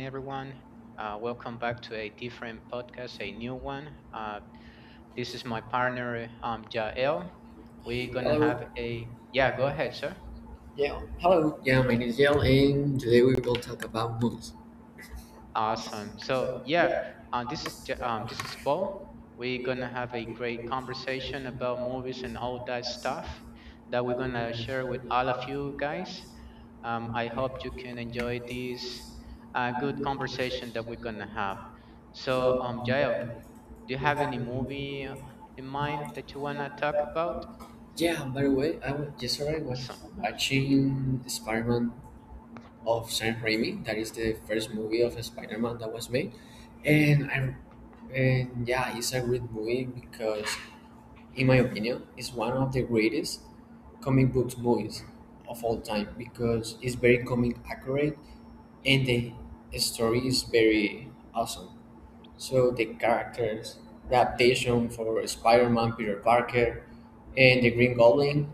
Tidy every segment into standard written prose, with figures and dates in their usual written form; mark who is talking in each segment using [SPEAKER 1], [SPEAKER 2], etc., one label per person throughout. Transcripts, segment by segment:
[SPEAKER 1] everyone. Welcome back to a different podcast, a new one. This is my partner, Jael. We're gonna
[SPEAKER 2] Hello.
[SPEAKER 1] have a, yeah. Go
[SPEAKER 2] Yeah.
[SPEAKER 1] ahead, sir.
[SPEAKER 2] Yeah, Hello. Yeah, my name is Yale, and today we will talk about movies.
[SPEAKER 1] Awesome. So yeah, this is Paul. We're gonna have a great conversation about movies and all that stuff that we're gonna share with all of you guys. I hope you can enjoy this good conversation that we're gonna have. So Jael, do you have any movie in mind that you wanna talk about?
[SPEAKER 2] Yeah. By the way, I was yesterday I was
[SPEAKER 1] Awesome.
[SPEAKER 2] watching Spider-Man of Sam Raimi. That is the first movie of Spider-Man that was made, and I and yeah, it's a great movie because, in my opinion, it's one of the greatest comic books movies of all time because it's very comic accurate and the story is very awesome. So the characters, the adaptation for Spider-Man, Peter Parker, and the Green Goblin,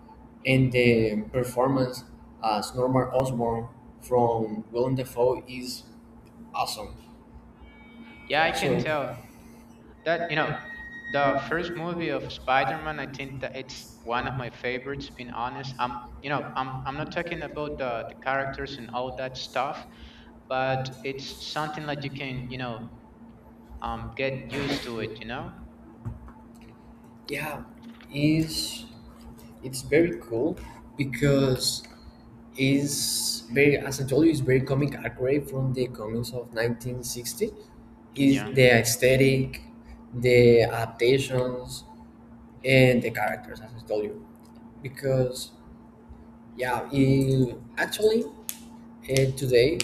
[SPEAKER 2] and the performance as Norman Osborn from Willem Dafoe is awesome.
[SPEAKER 1] Yeah,
[SPEAKER 2] Yeah,
[SPEAKER 1] I
[SPEAKER 2] I so
[SPEAKER 1] can
[SPEAKER 2] think
[SPEAKER 1] tell
[SPEAKER 2] so.
[SPEAKER 1] that you know the first movie of Spider-Man. I think that it's one of my favorites. Being honest, I'm you know I'm not talking about the characters and all that stuff, but it's something that you can get used to it. You know?
[SPEAKER 2] Yeah, is it's very cool because is very, as I told you, it's very comic accurate from the comics of 1960. Is
[SPEAKER 1] Yeah.
[SPEAKER 2] the aesthetic, the adaptations, and the characters, as I told you. Because yeah in, actually today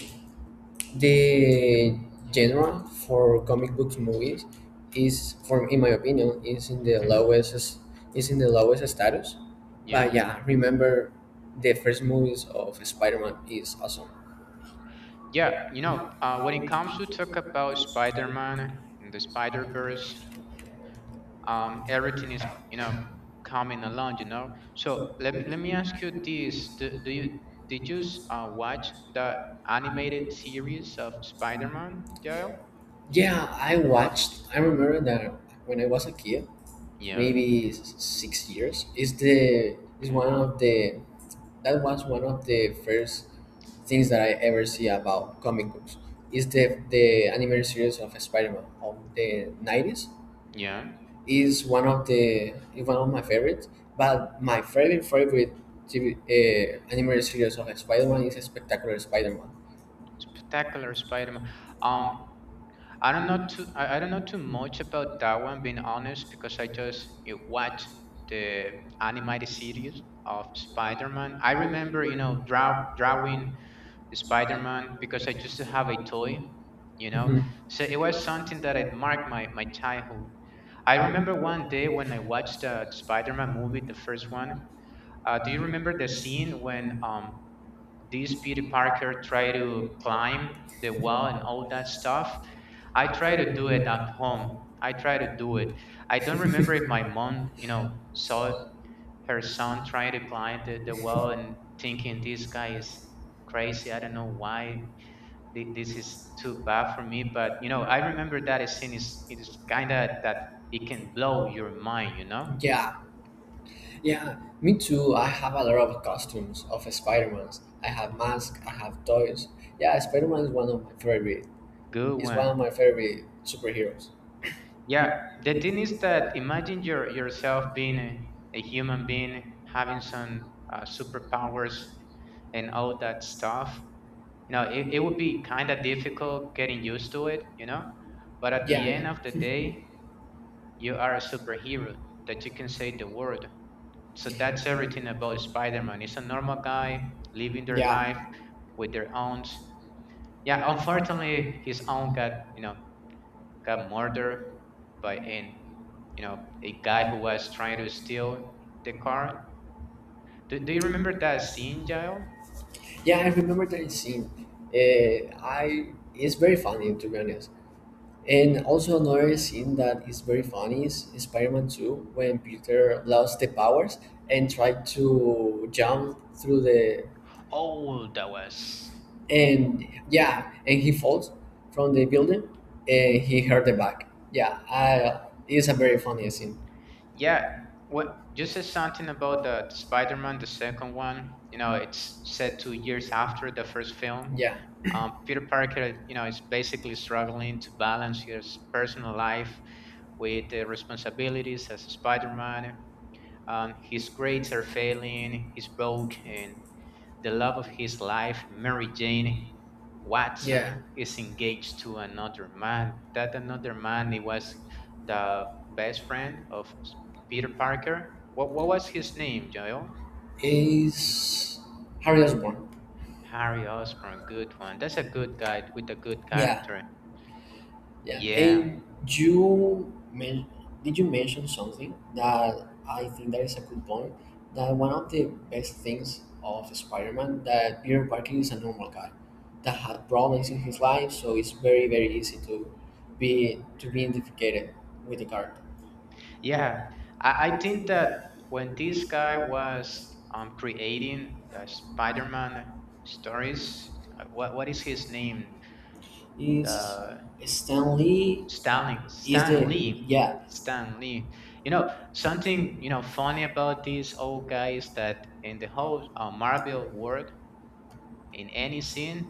[SPEAKER 1] Mm-hmm.
[SPEAKER 2] the genre for comic book movies is for in my opinion is in the
[SPEAKER 1] Mm-hmm.
[SPEAKER 2] lowest is in the lowest status. But
[SPEAKER 1] Yeah.
[SPEAKER 2] yeah, remember the first movies of Spider-Man is awesome.
[SPEAKER 1] Yeah, you know, when it comes to talk about Spider-Man and the Spider-Verse, everything is, you know, coming along, you know. So let me ask you this: Do, do you did you s- watch the animated series of Spider-Man, Joel?
[SPEAKER 2] Yeah, I remember that when I was a kid
[SPEAKER 1] Yeah.
[SPEAKER 2] maybe 6 years is
[SPEAKER 1] Okay.
[SPEAKER 2] one of the that was one of the first things that I ever see about comic books is the animated series of Spider-Man of the 90s
[SPEAKER 1] Yeah.
[SPEAKER 2] is one of the is one of my favorites. But my favorite TV, animated series of Spider-Man is Spectacular Spider-Man.
[SPEAKER 1] Spectacular Spider-Man. Um, I don't know too I don't know too much about that one, being honest, because I just you watch the animated series of Spider-Man. I remember, you know, drawing the Spider-Man because I used to have a toy, you know. So it was something that had marked my childhood. I remember one day when I watched the Spider-Man movie, the first one. Do you remember the scene when this Peter Parker tried to climb the wall and all that stuff? I try to do it at home. I try to do it. I don't remember if my mom, you know, saw her son trying to climb the wall and thinking this guy is crazy. I don't know why this is too bad for me. But you know, I remember that scene, is it is kind of that it can blow your mind. You know,
[SPEAKER 2] Yeah, yeah, me too. I have a lot of costumes of Spider-Mans. I have masks, I have toys. Yeah, Spider-Man is one of my favorite.
[SPEAKER 1] good
[SPEAKER 2] Is
[SPEAKER 1] one.
[SPEAKER 2] one of my favorite superheroes.
[SPEAKER 1] Yeah, the thing is that imagine yourself being a human being having some superpowers and all that stuff. You know, it would be kind of difficult getting used to it, you know. But at
[SPEAKER 2] Yeah.
[SPEAKER 1] the end of the day,
[SPEAKER 2] yeah.
[SPEAKER 1] you are a superhero that you can save the world. So that's everything about Spider-Man. He's a normal guy living their life
[SPEAKER 2] Yeah,
[SPEAKER 1] with their own. Yeah. Unfortunately, his own got murdered by an you know a guy who was trying to steal the car. Do you remember that scene, Jael?
[SPEAKER 2] yeah, I remember that scene. I it's very funny to be honest. And also another scene that is very funny is Spider-Man 2 when Peter lost the powers and tried to jump through the
[SPEAKER 1] Oh, that was.
[SPEAKER 2] and yeah, and he falls from the building and he hurt the back. Yeah, it's a very funny scene.
[SPEAKER 1] Yeah, what you said, something about the Spider-Man, the second one. You know, it's set 2 years after the first film.
[SPEAKER 2] Yeah,
[SPEAKER 1] Peter Parker, you know, is basically struggling to balance his personal life with the responsibilities as Spider-Man. His grades are failing. He's broke, and the love of his life, Mary Jane
[SPEAKER 2] yeah,
[SPEAKER 1] Watson, is engaged to another man. That another man, it was the best friend of Peter Parker. What was his name, Joel?
[SPEAKER 2] is Harry Osborn.
[SPEAKER 1] Harry Osborn, good one. That's a good guy with a good
[SPEAKER 2] Yeah, yeah.
[SPEAKER 1] character.
[SPEAKER 2] Yeah.
[SPEAKER 1] Yeah,
[SPEAKER 2] And men- did you mention something that I think that is a good point? That one of the best things of Spider-Man that Peter Parker is a normal guy that had problems in his life, so it's very very easy to be identified with the character.
[SPEAKER 1] yeah. I think that when this guy was creating the Spider-Man stories, what is his name?
[SPEAKER 2] Is
[SPEAKER 1] The
[SPEAKER 2] Stan Lee
[SPEAKER 1] Stanley
[SPEAKER 2] is the
[SPEAKER 1] Stan Lee.
[SPEAKER 2] yeah
[SPEAKER 1] Stan Lee. You know, something, you know, funny about this old guy is that in the whole Marvel world, in any scene,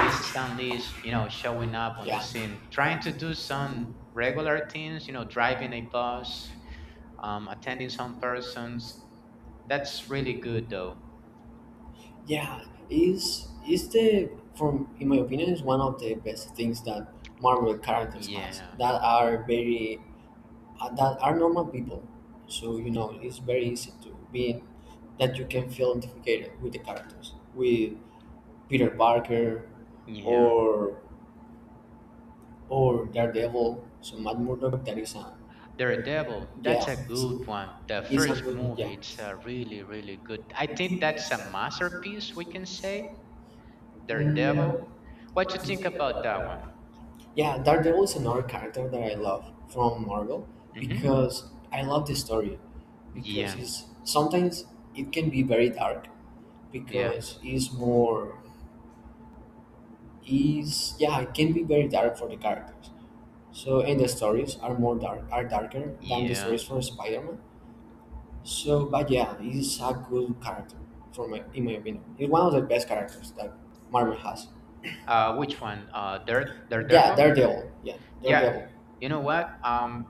[SPEAKER 1] this Stan Lee is, you know, showing up on the
[SPEAKER 2] yeah
[SPEAKER 1] scene, trying to do some regular things, you know, driving a bus, attending some persons. That's really good, though.
[SPEAKER 2] Yeah, is the from in my opinion is one of the best things that Marvel characters has,
[SPEAKER 1] Yeah,
[SPEAKER 2] that are very that are normal people. So you know it's very easy to be that you can feel identified with the characters, with Peter Parker
[SPEAKER 1] yeah.
[SPEAKER 2] or Daredevil. So Matt Murdock, that is a
[SPEAKER 1] Daredevil,
[SPEAKER 2] yeah
[SPEAKER 1] that's a good one. The
[SPEAKER 2] is is a
[SPEAKER 1] first
[SPEAKER 2] good yeah.
[SPEAKER 1] movie, it's really, really good. I think that's a masterpiece, we can say.
[SPEAKER 2] Mm,
[SPEAKER 1] Daredevil. What you think about that one?
[SPEAKER 2] Yeah, Daredevil is another character that I love from Marvel,
[SPEAKER 1] Hmm.
[SPEAKER 2] because I love the story because
[SPEAKER 1] Yeah,
[SPEAKER 2] it's sometimes it can be very dark
[SPEAKER 1] yeah,
[SPEAKER 2] because it's more is yeah it can be very dark for the characters. So and the stories are more dark are darker than the
[SPEAKER 1] yeah.
[SPEAKER 2] stories for Spider-Man. So but yeah, he's a good character for my in my opinion. He's one of the best characters that Marvel has.
[SPEAKER 1] Which one?
[SPEAKER 2] Yeah,
[SPEAKER 1] Daredevil.
[SPEAKER 2] Daredevil. Yeah,
[SPEAKER 1] Yeah,
[SPEAKER 2] Daredevil.
[SPEAKER 1] you know what? Um,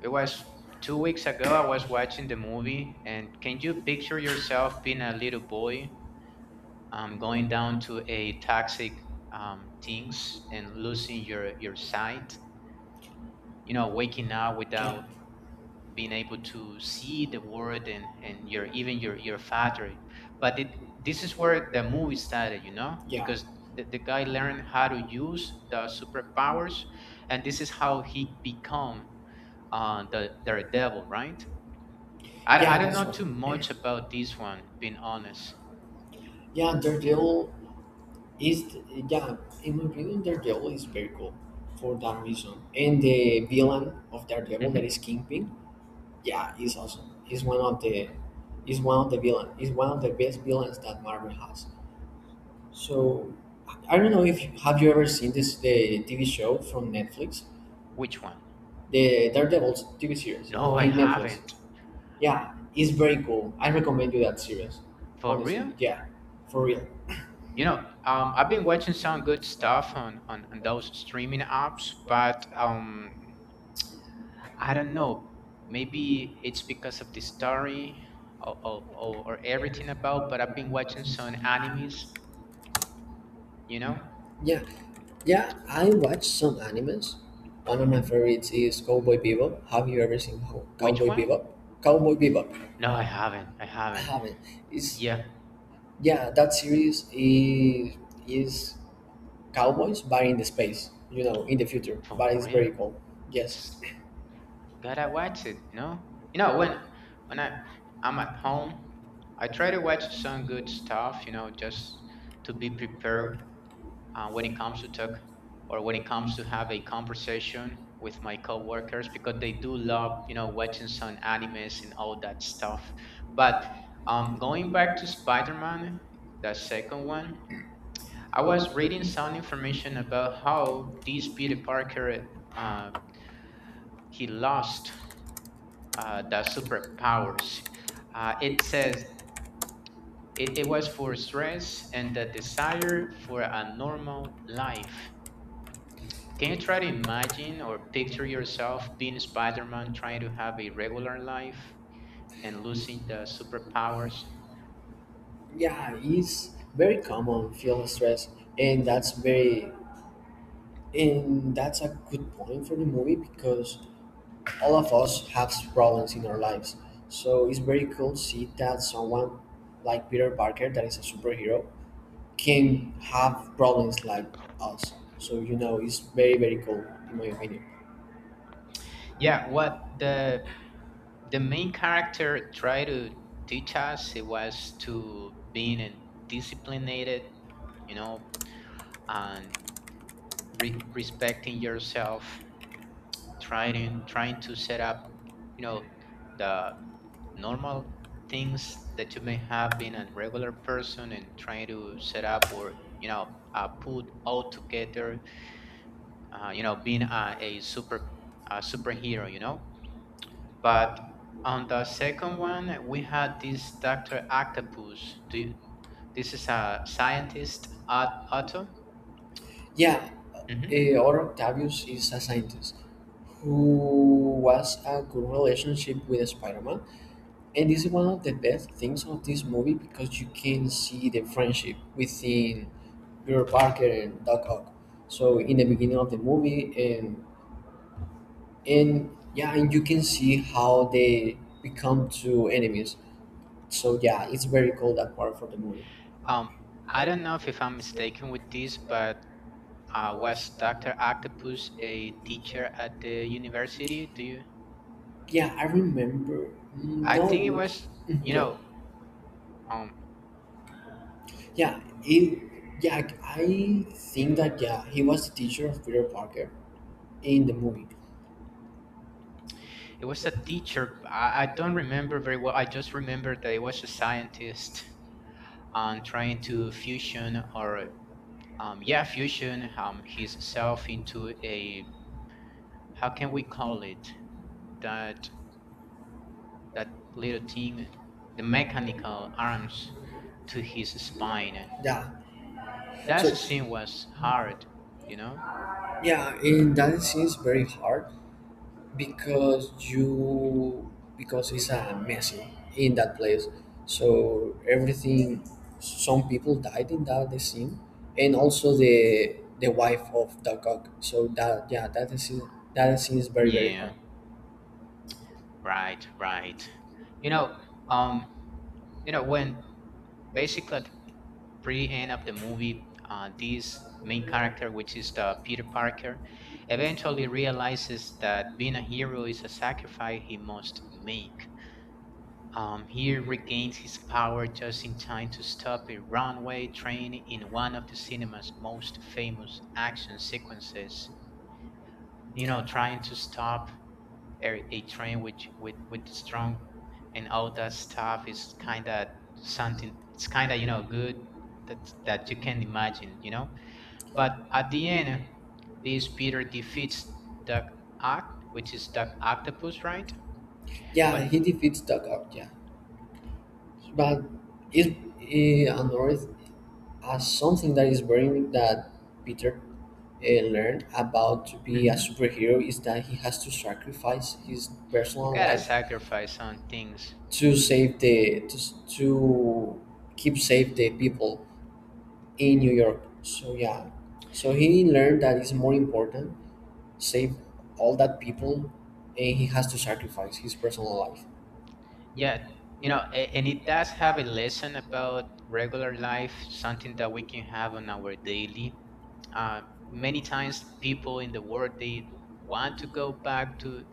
[SPEAKER 1] it was 2 weeks ago. I was watching the movie, and can you picture yourself being a little boy, going down to a toxic things and losing your sight? You know, waking up without being able to see the world, and your, even your father. But it this is where the movie started, you know,
[SPEAKER 2] Yeah.
[SPEAKER 1] because the guy learned how to use the superpowers. And this is how he become the Daredevil, right? I
[SPEAKER 2] Yeah,
[SPEAKER 1] don't
[SPEAKER 2] that's
[SPEAKER 1] know
[SPEAKER 2] right.
[SPEAKER 1] too
[SPEAKER 2] And
[SPEAKER 1] much about this one, being honest.
[SPEAKER 2] yeah, Daredevil is yeah, in my opinion, Daredevil is very cool for that reason. And the villain of Daredevil that
[SPEAKER 1] Hmm.
[SPEAKER 2] is Kingpin, yeah, is awesome. He's one of the is one of the villain He's one of the best villains that Marvel has. So I don't know if you, have you ever seen this the TV show from Netflix,
[SPEAKER 1] Which one?
[SPEAKER 2] the Daredevil's TV series
[SPEAKER 1] No, I
[SPEAKER 2] in Netflix.
[SPEAKER 1] haven't.
[SPEAKER 2] Yeah, it's very cool. I recommend you that series.
[SPEAKER 1] For
[SPEAKER 2] Honestly,
[SPEAKER 1] real?
[SPEAKER 2] yeah, for real.
[SPEAKER 1] You know, I've been watching some good stuff on those streaming apps, but I don't know. Maybe it's because of the story, or everything about, but I've been watching some animes, you know?
[SPEAKER 2] Yeah, yeah, I watch some animes. One of my
[SPEAKER 1] Hmm.
[SPEAKER 2] favorites is Cowboy Bebop. Have you ever seen
[SPEAKER 1] Which
[SPEAKER 2] Cowboy
[SPEAKER 1] one?
[SPEAKER 2] Bebop? Cowboy Bebop.
[SPEAKER 1] No, I
[SPEAKER 2] No,
[SPEAKER 1] haven't. I
[SPEAKER 2] I
[SPEAKER 1] haven't.
[SPEAKER 2] haven't. It's
[SPEAKER 1] Yeah,
[SPEAKER 2] yeah, that series is is cowboys but in the space, you know, in the future. But
[SPEAKER 1] for
[SPEAKER 2] it's
[SPEAKER 1] real?
[SPEAKER 2] very cool.
[SPEAKER 1] It's,
[SPEAKER 2] Yes.
[SPEAKER 1] gotta watch it, you know? You know, when I'm at home, I try to watch some good stuff, you know, just to be prepared when it comes to talk or when it comes to have a conversation with my coworkers because they do love watching some animes and all that stuff. But going back to Spider-Man, the second one, I was reading some information about how this Peter Parker, uh, he lost the superpowers. It says, it was for stress and the desire for a normal life. Can you try to imagine or picture yourself being Spider Man trying to have a regular life and losing the superpowers?
[SPEAKER 2] Yeah, it's very common feel stress and that's very And that's a good point for the movie, because all of us have problems in our lives. So it's very cool to see that someone like Peter Parker, that is a superhero, can have problems like us. So, you know, it's very, very cool, in my opinion.
[SPEAKER 1] Yeah, what the the main character tried to teach us, it was to being a disciplined, you know, and respecting yourself, trying to set up, you know, the normal things that you may have, been a regular person, and trying to set up, or, you know, put all together, you know, being a super, superhero, you know. But on the second one, we had this Dr. Octopus. Do you, this is a scientist at auto.
[SPEAKER 2] Yeah,
[SPEAKER 1] Hmm.
[SPEAKER 2] our Octavius is a scientist who was a good relationship with Spider-Man. And this is one of the best things of this movie because you can see the friendship within Peter Parker and Doc Ock. So in the beginning of the movie, and yeah, and you can see how they become two enemies. So yeah, it's very cool that part for the movie.
[SPEAKER 1] um I don't know if I'm mistaken with this, but was Dr. Octopus a teacher at the university? Do you,
[SPEAKER 2] Yeah, I remember. Mm, I
[SPEAKER 1] I
[SPEAKER 2] No, think
[SPEAKER 1] think
[SPEAKER 2] it
[SPEAKER 1] it
[SPEAKER 2] was, mm,
[SPEAKER 1] was,
[SPEAKER 2] you
[SPEAKER 1] you
[SPEAKER 2] yeah,
[SPEAKER 1] know,
[SPEAKER 2] know.
[SPEAKER 1] um
[SPEAKER 2] Yeah, it, yeah. I think that yeah, he was the teacher of Peter Parker in the movie.
[SPEAKER 1] it was a teacher. I don't remember very well. I just remember that it was a scientist trying to fusion or yeah, fusion his self into a, how can we call it, that that little thing, the mechanical arms to his spine.
[SPEAKER 2] Yeah,
[SPEAKER 1] That
[SPEAKER 2] so
[SPEAKER 1] scene was hard, you know.
[SPEAKER 2] yeah, and that scene is very hard because you because it's a messy in that place. So everything, some people died in that scene, and also the wife of Doc Ock. So that yeah, that scene is very very
[SPEAKER 1] Yeah,
[SPEAKER 2] hard.
[SPEAKER 1] right, right. You know, um you know, when basically pretty end of the movie, this main character, which is the Peter Parker, eventually realizes that being a hero is a sacrifice he must make. He regains his power just in time to stop a runaway train in one of the cinema's most famous action sequences. You know, trying to stop a train, which, with the strong and all that stuff, is kind of something. It's kind of good that you can imagine. You know. But at the end, this Peter defeats Duck Oct, which is Duck Octopus, right?
[SPEAKER 2] Yeah,
[SPEAKER 1] But
[SPEAKER 2] he defeats Doc Ock. Yeah, but it, it annoyed as something that is very that Peter learned about to be a
[SPEAKER 1] mhm,
[SPEAKER 2] superhero is that he has to sacrifice his
[SPEAKER 1] you
[SPEAKER 2] personal
[SPEAKER 1] gotta
[SPEAKER 2] life
[SPEAKER 1] sacrifice on things.
[SPEAKER 2] to save to keep safe the people in New York. So yeah, so he learned that it's more important save all that people, and he has to sacrifice his personal life.
[SPEAKER 1] Yeah, you know, and it does have a lesson about regular life, something that we can have on our daily. Uh, many times, people in the world, they want to go back to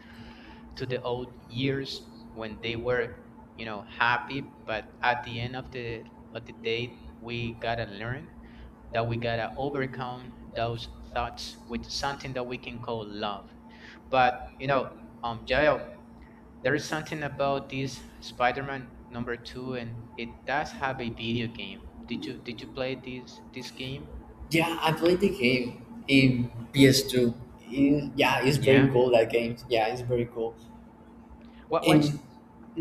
[SPEAKER 1] to the old years when they were, you know, happy. But at the end of the day, we gotta learn that we gotta overcome those thoughts with something that we can call love. But you know, Jael, there is something about this Spider-Man number two, and it does have a video game. Did you play this game?
[SPEAKER 2] Yeah, I played the game in PS2. Yeah, it's very
[SPEAKER 1] Yeah.
[SPEAKER 2] cool that game. Yeah, it's very cool.
[SPEAKER 1] What
[SPEAKER 2] In
[SPEAKER 1] what?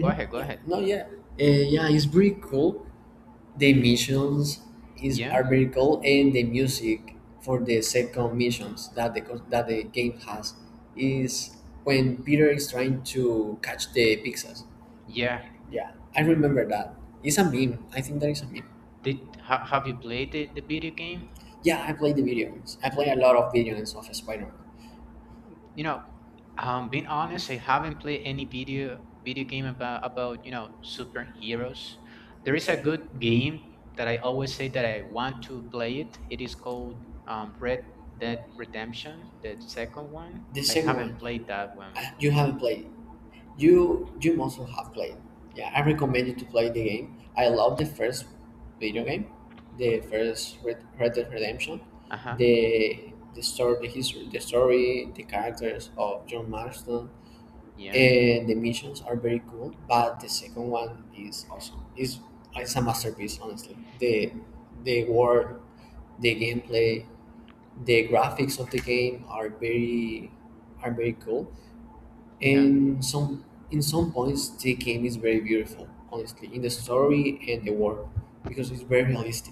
[SPEAKER 1] Go ahead. Go
[SPEAKER 2] yeah,
[SPEAKER 1] ahead.
[SPEAKER 2] no yeah, uh, yeah, it's very cool. The missions is
[SPEAKER 1] Yeah.
[SPEAKER 2] are very cool, and the music for the second missions that the game has is when Peter is trying to catch the pizzas. Yeah, I remember that. It's a meme. I think that is a meme.
[SPEAKER 1] Did have you played the video game?
[SPEAKER 2] Yeah, I play the video games. I play a lot of video games of Spider-Man.
[SPEAKER 1] You know, being honest, I haven't played any video game about superheroes. There is a good game that I always say that I want to play it. It is called Red Dead Redemption, the second one.
[SPEAKER 2] The
[SPEAKER 1] I
[SPEAKER 2] second
[SPEAKER 1] haven't
[SPEAKER 2] one,
[SPEAKER 1] played that one.
[SPEAKER 2] you haven't played. You must have played. Yeah, I recommend you to play the game. I love the first video game, the first Red, Red Dead Redemption,
[SPEAKER 1] Uh huh.
[SPEAKER 2] the the story, the story, the characters of John Marston, and the missions are very cool. But the second one is awesome. It's a masterpiece, honestly. The world, the gameplay, the graphics of the game are very cool,
[SPEAKER 1] Yeah.
[SPEAKER 2] and some in some points the game is very beautiful honestly, in the story and the world because it's very realistic.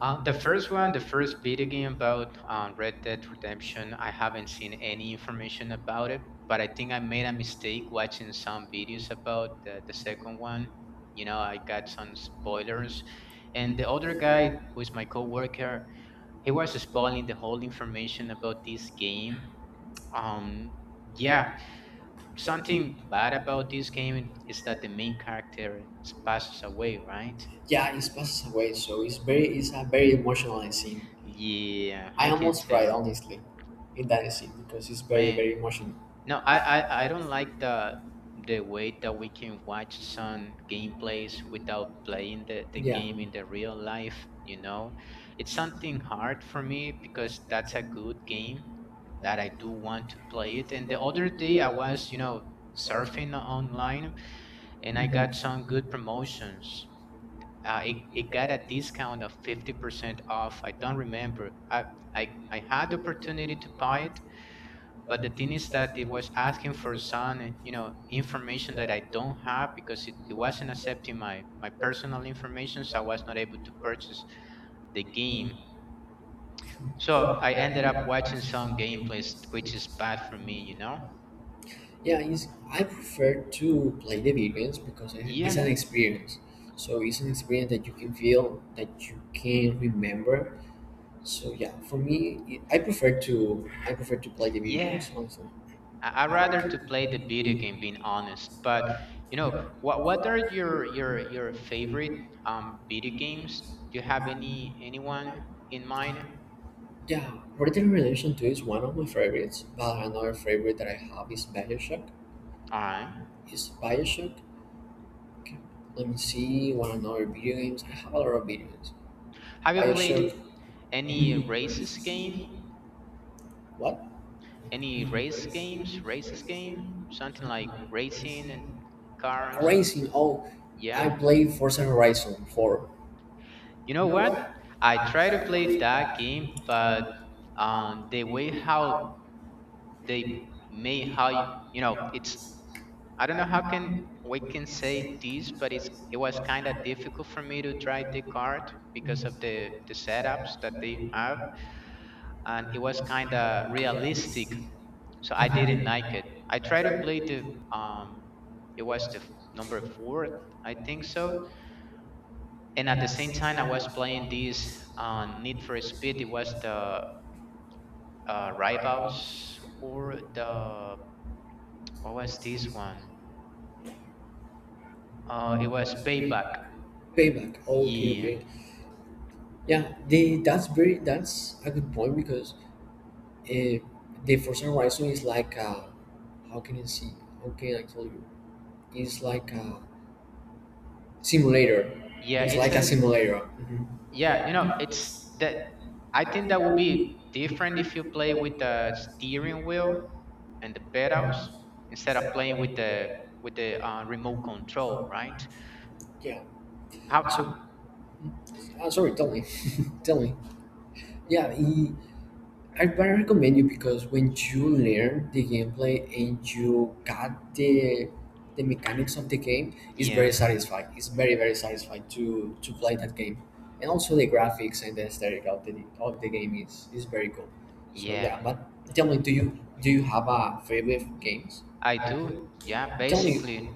[SPEAKER 1] The first one, the first video game about Red Dead Redemption, I haven't seen any information about it, but I think I made a mistake watching some videos about the second one. You know, I got some spoilers. And the other guy, who is my coworker, he was spoiling the whole information about this game. Um, yeah, something bad about this game is that the main character passes away, right?
[SPEAKER 2] Yeah, it passes away, so it's very it's a very emotional scene.
[SPEAKER 1] Yeah,
[SPEAKER 2] I
[SPEAKER 1] I can
[SPEAKER 2] almost cried
[SPEAKER 1] tell.
[SPEAKER 2] honestly in that scene because it's very
[SPEAKER 1] Man,
[SPEAKER 2] very emotional.
[SPEAKER 1] no, I don't like the way that we can watch some gameplays without playing the
[SPEAKER 2] Yeah,
[SPEAKER 1] game in the real life, you know. It's something hard for me because that's a good game that I do want to play it. And the other day I was, you know, surfing online and I got some good promotions. It got a discount of 50% off. I don't remember. I had the opportunity to buy it, but the thing is that it was asking for some information that I don't have because it wasn't accepting my personal information, so I was not able to purchase the game. So I ended up watching some gameplays, which is bad for me, you know.
[SPEAKER 2] yeah, I prefer to play the video games because it's
[SPEAKER 1] Yeah,
[SPEAKER 2] an experience, so it's an experience that you can feel that you can remember. So yeah, for me, I prefer to play the video
[SPEAKER 1] yeah.
[SPEAKER 2] games honestly.
[SPEAKER 1] I rather to play the video game, being honest, but you know, what are your favorite video games? Do you have any anyone in mind?
[SPEAKER 2] Yeah, Red Dead Redemption 2 is one of my favorites, but another favorite that I have is Bioshock.
[SPEAKER 1] All right,
[SPEAKER 2] Is Bioshock? Okay. Let me see one another video games. I have a lot of video games.
[SPEAKER 1] have you played
[SPEAKER 2] Bioshock.
[SPEAKER 1] any races game,
[SPEAKER 2] What?
[SPEAKER 1] any race games, races game, something like racing and cars?
[SPEAKER 2] Racing. Oh, I
[SPEAKER 1] Yeah.
[SPEAKER 2] played Forza Horizon 4.
[SPEAKER 1] You know what? I try to play that game, but the way how they made how you, you know, it's I don't know how can we can say this, but it was kind of difficult for me to drive the cart because of the setups that they have, and it was kind of realistic so I didn't like it. I tried to
[SPEAKER 2] Payback.
[SPEAKER 1] play the um, it was the number four, I think so. And at the same time, I was playing this on Need for Speed. It was the Rivals or the what was this one? It was Payback.
[SPEAKER 2] Okay,
[SPEAKER 1] Yeah,
[SPEAKER 2] okay. Yeah, the that's very that's a good point because Uh, the for some reason is like a, how can you see? How can I tell you? It's like a simulator.
[SPEAKER 1] yeah. It's
[SPEAKER 2] Like
[SPEAKER 1] a
[SPEAKER 2] simulator.
[SPEAKER 1] yeah. You know, it's that. I think that would be different if you play with the steering wheel and the pedals instead of playing with the remote control, right?
[SPEAKER 2] Yeah.
[SPEAKER 1] How
[SPEAKER 2] So, sorry, tell me, tell me. Yeah, I recommend you because when you learn the gameplay and you got the mechanics of the game, it's very
[SPEAKER 1] yeah.
[SPEAKER 2] satisfying. It's very satisfying to play that game, and also the graphics and the aesthetic of the game is very cool. So
[SPEAKER 1] Yeah,
[SPEAKER 2] yeah, but tell me, do you have a favorite games?
[SPEAKER 1] I do. Yeah,
[SPEAKER 2] Tell me,
[SPEAKER 1] basically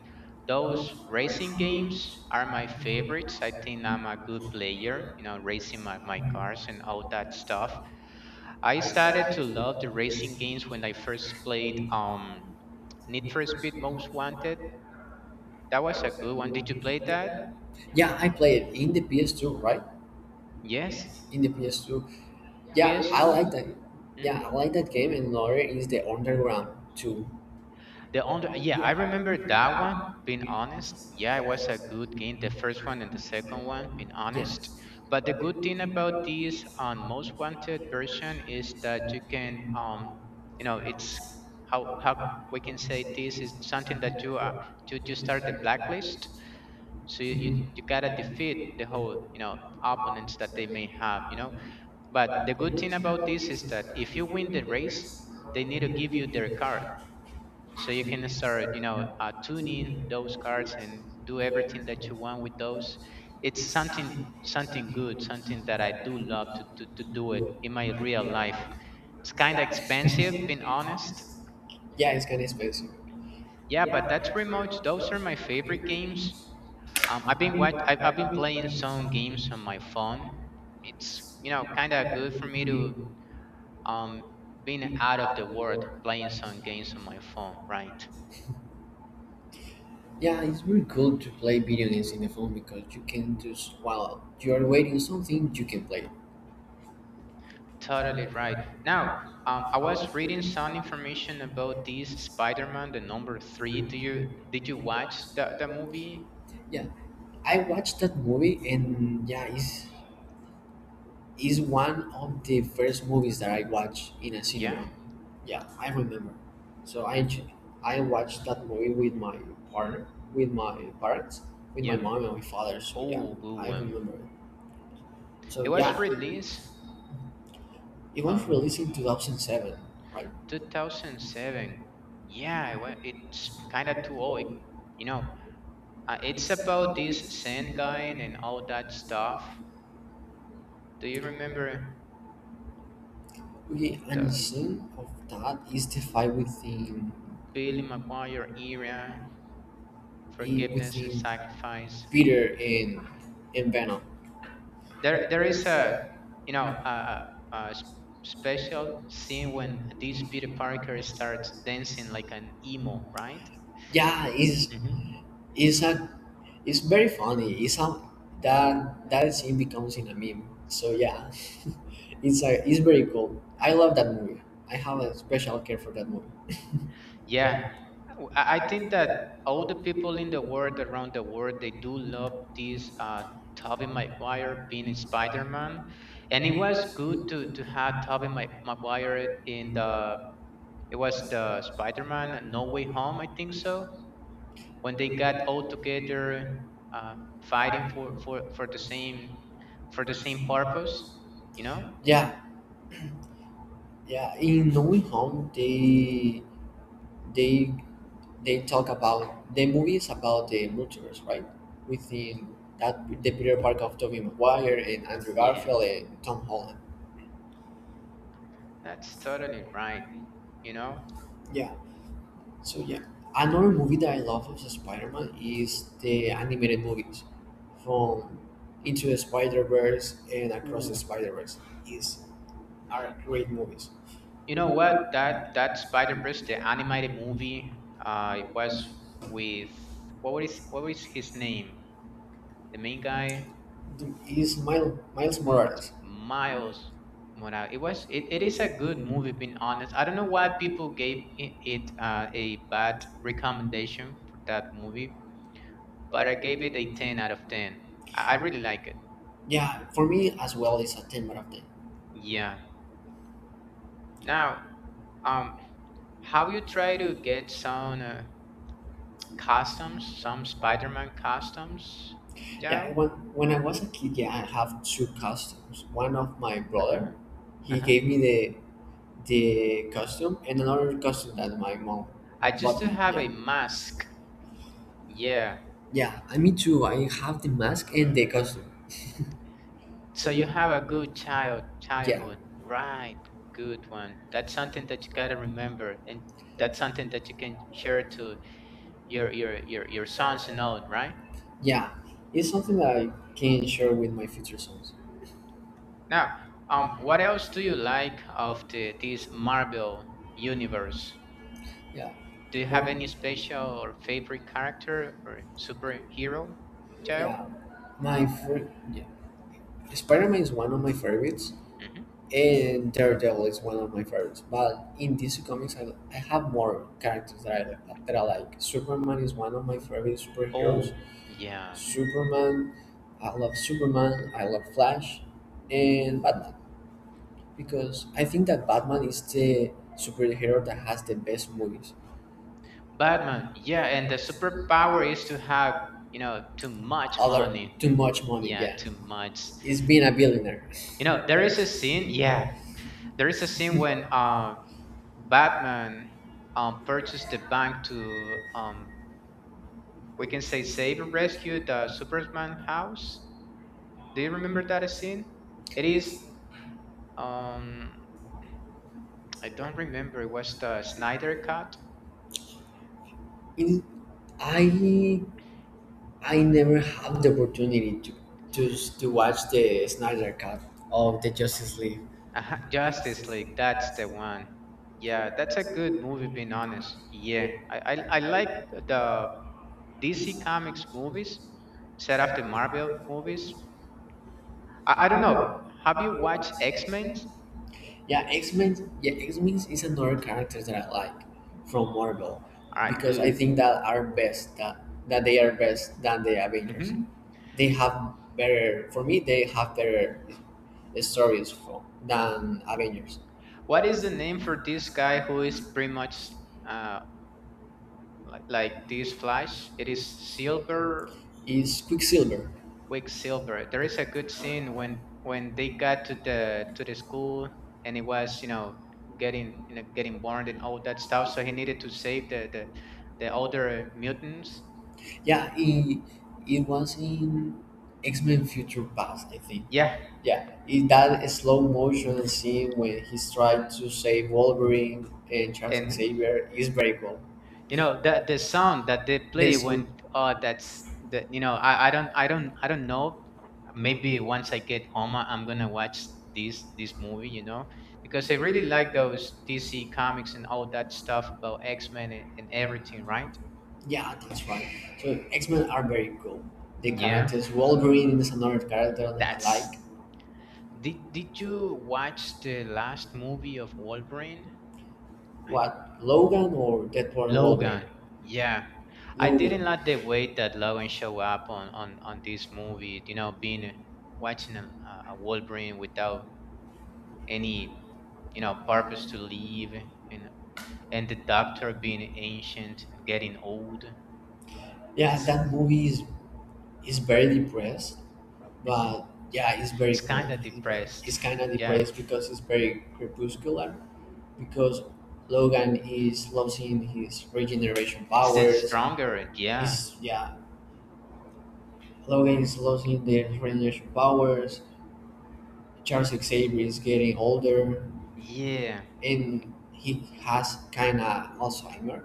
[SPEAKER 1] those racing games are my favorites. I think I'm a good player, you know, racing my cars and all that stuff. I started to love the racing games when I first played Need for Speed Most Wanted. That was a good one. Did you play that?
[SPEAKER 2] yeah, I played it in the PS2, right?
[SPEAKER 1] Yes.
[SPEAKER 2] In the PS2, yeah, I
[SPEAKER 1] PS2?
[SPEAKER 2] like that. Yeah,
[SPEAKER 1] Hmm.
[SPEAKER 2] I like that game. And another is the Underground 2.
[SPEAKER 1] The under yeah, I remember that one. Being honest, yeah, it
[SPEAKER 2] Yes.
[SPEAKER 1] was a good game. The first one and the second one, being honest. But the good thing about this on Most Wanted version is that you can, you know, it's how we can say this is something that you are you start the blacklist, so you you gotta defeat the whole, you know, opponents that they may have, you know.
[SPEAKER 2] know.
[SPEAKER 1] But the good thing about this is that if you win the race, they need to give you their card so you can start, you know, tuning those cards and do everything that you want with those. It's something, something good, something that I do love to do it in my real life. It's kind of expensive, being honest.
[SPEAKER 2] Yeah, it's kind of expensive.
[SPEAKER 1] Yeah, but that's remote, those are my favorite games. I've been what I've been playing some games on my phone. It's, you know, kind of good for me to um being out of the world playing some games on my phone, right?
[SPEAKER 2] Yeah, it's really cool to play video games in the phone because you can just while you're waiting something you can play.
[SPEAKER 1] Totally right. Now, I was reading some information about this Spider-Man, the number three. Do you did you watch the movie?
[SPEAKER 2] Yeah, I watched that movie and yeah, it's is one of the first movies that I watched in a
[SPEAKER 1] Yeah,
[SPEAKER 2] cinema. Yeah, I remember. So I watched that movie with my partner, with my parents, with my
[SPEAKER 1] yeah.
[SPEAKER 2] mom and my father. So yeah,
[SPEAKER 1] Oh, good
[SPEAKER 2] I
[SPEAKER 1] one.
[SPEAKER 2] remember it. So
[SPEAKER 1] It was
[SPEAKER 2] yeah,
[SPEAKER 1] released
[SPEAKER 2] it was
[SPEAKER 1] on
[SPEAKER 2] released in 2007, right?
[SPEAKER 1] 2007. Yeah, it was. It's kind of too old. It, you know, it's about this sand guy and all that stuff. Do you remember
[SPEAKER 2] Okay, and
[SPEAKER 1] the
[SPEAKER 2] the scene of that is the fight within
[SPEAKER 1] Billy Maguire era, forgiveness and
[SPEAKER 2] within
[SPEAKER 1] sacrifice?
[SPEAKER 2] Peter and Venom.
[SPEAKER 1] There is a, you know, a special scene when this Peter Parker starts dancing like an emo, right?
[SPEAKER 2] Yeah,
[SPEAKER 1] Hmm.
[SPEAKER 2] is a It's very funny. It's how that scene becomes in a meme. So yeah, it's very cool. I love that movie. I have a special care for that movie.
[SPEAKER 1] Yeah, I think that all the people in the world around the world they do love this Tobey Maguire being a Spider-Man, and it was good to have Tobey Maguire in the It was the Spider-Man No Way Home, I think so. When they got all together, uh, fighting for, for the same purpose, you know.
[SPEAKER 2] Yeah, yeah. In No Way Home, they they talk about the movie is about the multiverse, right? Within that the Peter Parker of Tobey Maguire and Andrew
[SPEAKER 1] Yeah,
[SPEAKER 2] Garfield and Tom Holland.
[SPEAKER 1] that's totally right. You know.
[SPEAKER 2] Yeah. So yeah, another movie that I love of Spider-Man is the animated movies from Into the Spider-Verse and Across the
[SPEAKER 1] Ooh.
[SPEAKER 2] Spider-Verse. Is are great movies.
[SPEAKER 1] You know what? That Spider Verse, the animated movie, it was with what was his name? The main guy.
[SPEAKER 2] Is Miles
[SPEAKER 1] M-
[SPEAKER 2] Morales.
[SPEAKER 1] Miles Morales. It was it is a good movie, being honest. I don't know why people gave it a bad recommendation for that movie, but I gave it a 10 out of 10. I really like it.
[SPEAKER 2] Yeah, for me as well is a 10 out of 10.
[SPEAKER 1] Yeah. Now, um have you tried to get some costumes, some Spider-Man costumes?
[SPEAKER 2] Yeah,
[SPEAKER 1] Jao?
[SPEAKER 2] when I was a kid, yeah, I have two costumes. One of my brother,
[SPEAKER 1] Uh-huh.
[SPEAKER 2] he
[SPEAKER 1] Uh-huh.
[SPEAKER 2] gave me the costume, and another costume that my mom
[SPEAKER 1] I used
[SPEAKER 2] bought
[SPEAKER 1] to
[SPEAKER 2] me.
[SPEAKER 1] have a
[SPEAKER 2] Yeah.
[SPEAKER 1] mask. Yeah,
[SPEAKER 2] Yeah, I mean too. I have the mask and the costume.
[SPEAKER 1] so you have a good child
[SPEAKER 2] Yeah,
[SPEAKER 1] childhood, right? Good one. That's something that you gotta remember, and that's something that you can share to your sons and all, right?
[SPEAKER 2] yeah. It's something that I can share with my future sons.
[SPEAKER 1] Now, what else do you like of the this Marvel universe?
[SPEAKER 2] Yeah,
[SPEAKER 1] Do you have any special or favorite character or superhero, child?
[SPEAKER 2] yeah. Yeah. Spider-Man is one of my favorites, and Daredevil is one of my favorites. But in DC Comics, I have more characters that I like. That I like. Superman is one of my favorite
[SPEAKER 1] Oh,
[SPEAKER 2] superheroes.
[SPEAKER 1] yeah.
[SPEAKER 2] Superman, Superman. I love Flash, and Batman, because I think that Batman is the superhero that has the best movies.
[SPEAKER 1] Batman. Yeah, and the superpower is to have, you know, too much
[SPEAKER 2] Other
[SPEAKER 1] money.
[SPEAKER 2] too much money,
[SPEAKER 1] Yeah,
[SPEAKER 2] yeah.
[SPEAKER 1] too much.
[SPEAKER 2] It's being a billionaire.
[SPEAKER 1] You know, there is a scene. Yeah, there is a scene when Batman purchased the bank to, we can say, save or rescue the Superman house. Do you remember that scene? It is. Um, I don't remember. It was the Snyder Cut?
[SPEAKER 2] In I I never had the opportunity to watch the Snyder Cut of the Justice League.
[SPEAKER 1] Uh-huh, Justice League. That's the one. Yeah, that's a good movie. Being honest, yeah, I like the DC Comics movies set after Marvel movies. I don't know. Have you watched X Men?
[SPEAKER 2] Yeah, X Men. Yeah, X Men is another character that I like from Marvel
[SPEAKER 1] All right,
[SPEAKER 2] because
[SPEAKER 1] good.
[SPEAKER 2] I think that are best that they are best than the Avengers.
[SPEAKER 1] Hmm.
[SPEAKER 2] They have better for me. They have better stories from than Avengers.
[SPEAKER 1] What is the name for this guy who is pretty much uh like this Flash? It is Silver
[SPEAKER 2] It's Quicksilver.
[SPEAKER 1] Quicksilver. There is a good scene when they got to the school and it was, you know, getting, you know, getting burned and all that stuff. So he needed to save the older mutants.
[SPEAKER 2] Yeah, it was in X Men Future Past, I think.
[SPEAKER 1] Yeah,
[SPEAKER 2] Yeah, that slow motion scene when he's trying to save Wolverine and Charles
[SPEAKER 1] and
[SPEAKER 2] Xavier is very cool.
[SPEAKER 1] you know that the sound that they play
[SPEAKER 2] This
[SPEAKER 1] when
[SPEAKER 2] one,
[SPEAKER 1] oh that's that you know I don't know, maybe once I get home I'm gonna watch this movie, you know, because I really like those DC comics and all that stuff about X Men and, everything, right?
[SPEAKER 2] yeah, that's right. So X Men are very cool. The
[SPEAKER 1] Yeah,
[SPEAKER 2] characters Wolverine is another character that I
[SPEAKER 1] that's.
[SPEAKER 2] like.
[SPEAKER 1] Did you watch the last movie of Wolverine? I,
[SPEAKER 2] What Logan or Deadpool and Wolverine?
[SPEAKER 1] Logan. Yeah, I
[SPEAKER 2] Logan.
[SPEAKER 1] didn't like the way that Logan show up on this movie. You know, watching a Wolverine without any, you know, purpose to live, and the Doctor being ancient and getting old.
[SPEAKER 2] Yeah,
[SPEAKER 1] It's,
[SPEAKER 2] that movie is very depressed,
[SPEAKER 1] hmm,
[SPEAKER 2] but yeah,
[SPEAKER 1] it's
[SPEAKER 2] it's cool.
[SPEAKER 1] kind of
[SPEAKER 2] It's depressed.
[SPEAKER 1] depressed.
[SPEAKER 2] It's kind of
[SPEAKER 1] Yeah.
[SPEAKER 2] depressed. Yeah, because it's very crepuscular. Because Logan is losing his regeneration
[SPEAKER 1] It's still
[SPEAKER 2] powers.
[SPEAKER 1] stronger.
[SPEAKER 2] Yeah.
[SPEAKER 1] Yeah.
[SPEAKER 2] Logan is losing the regeneration powers. Charles Xavier is getting older,
[SPEAKER 1] Yeah.
[SPEAKER 2] and he has kind of Alzheimer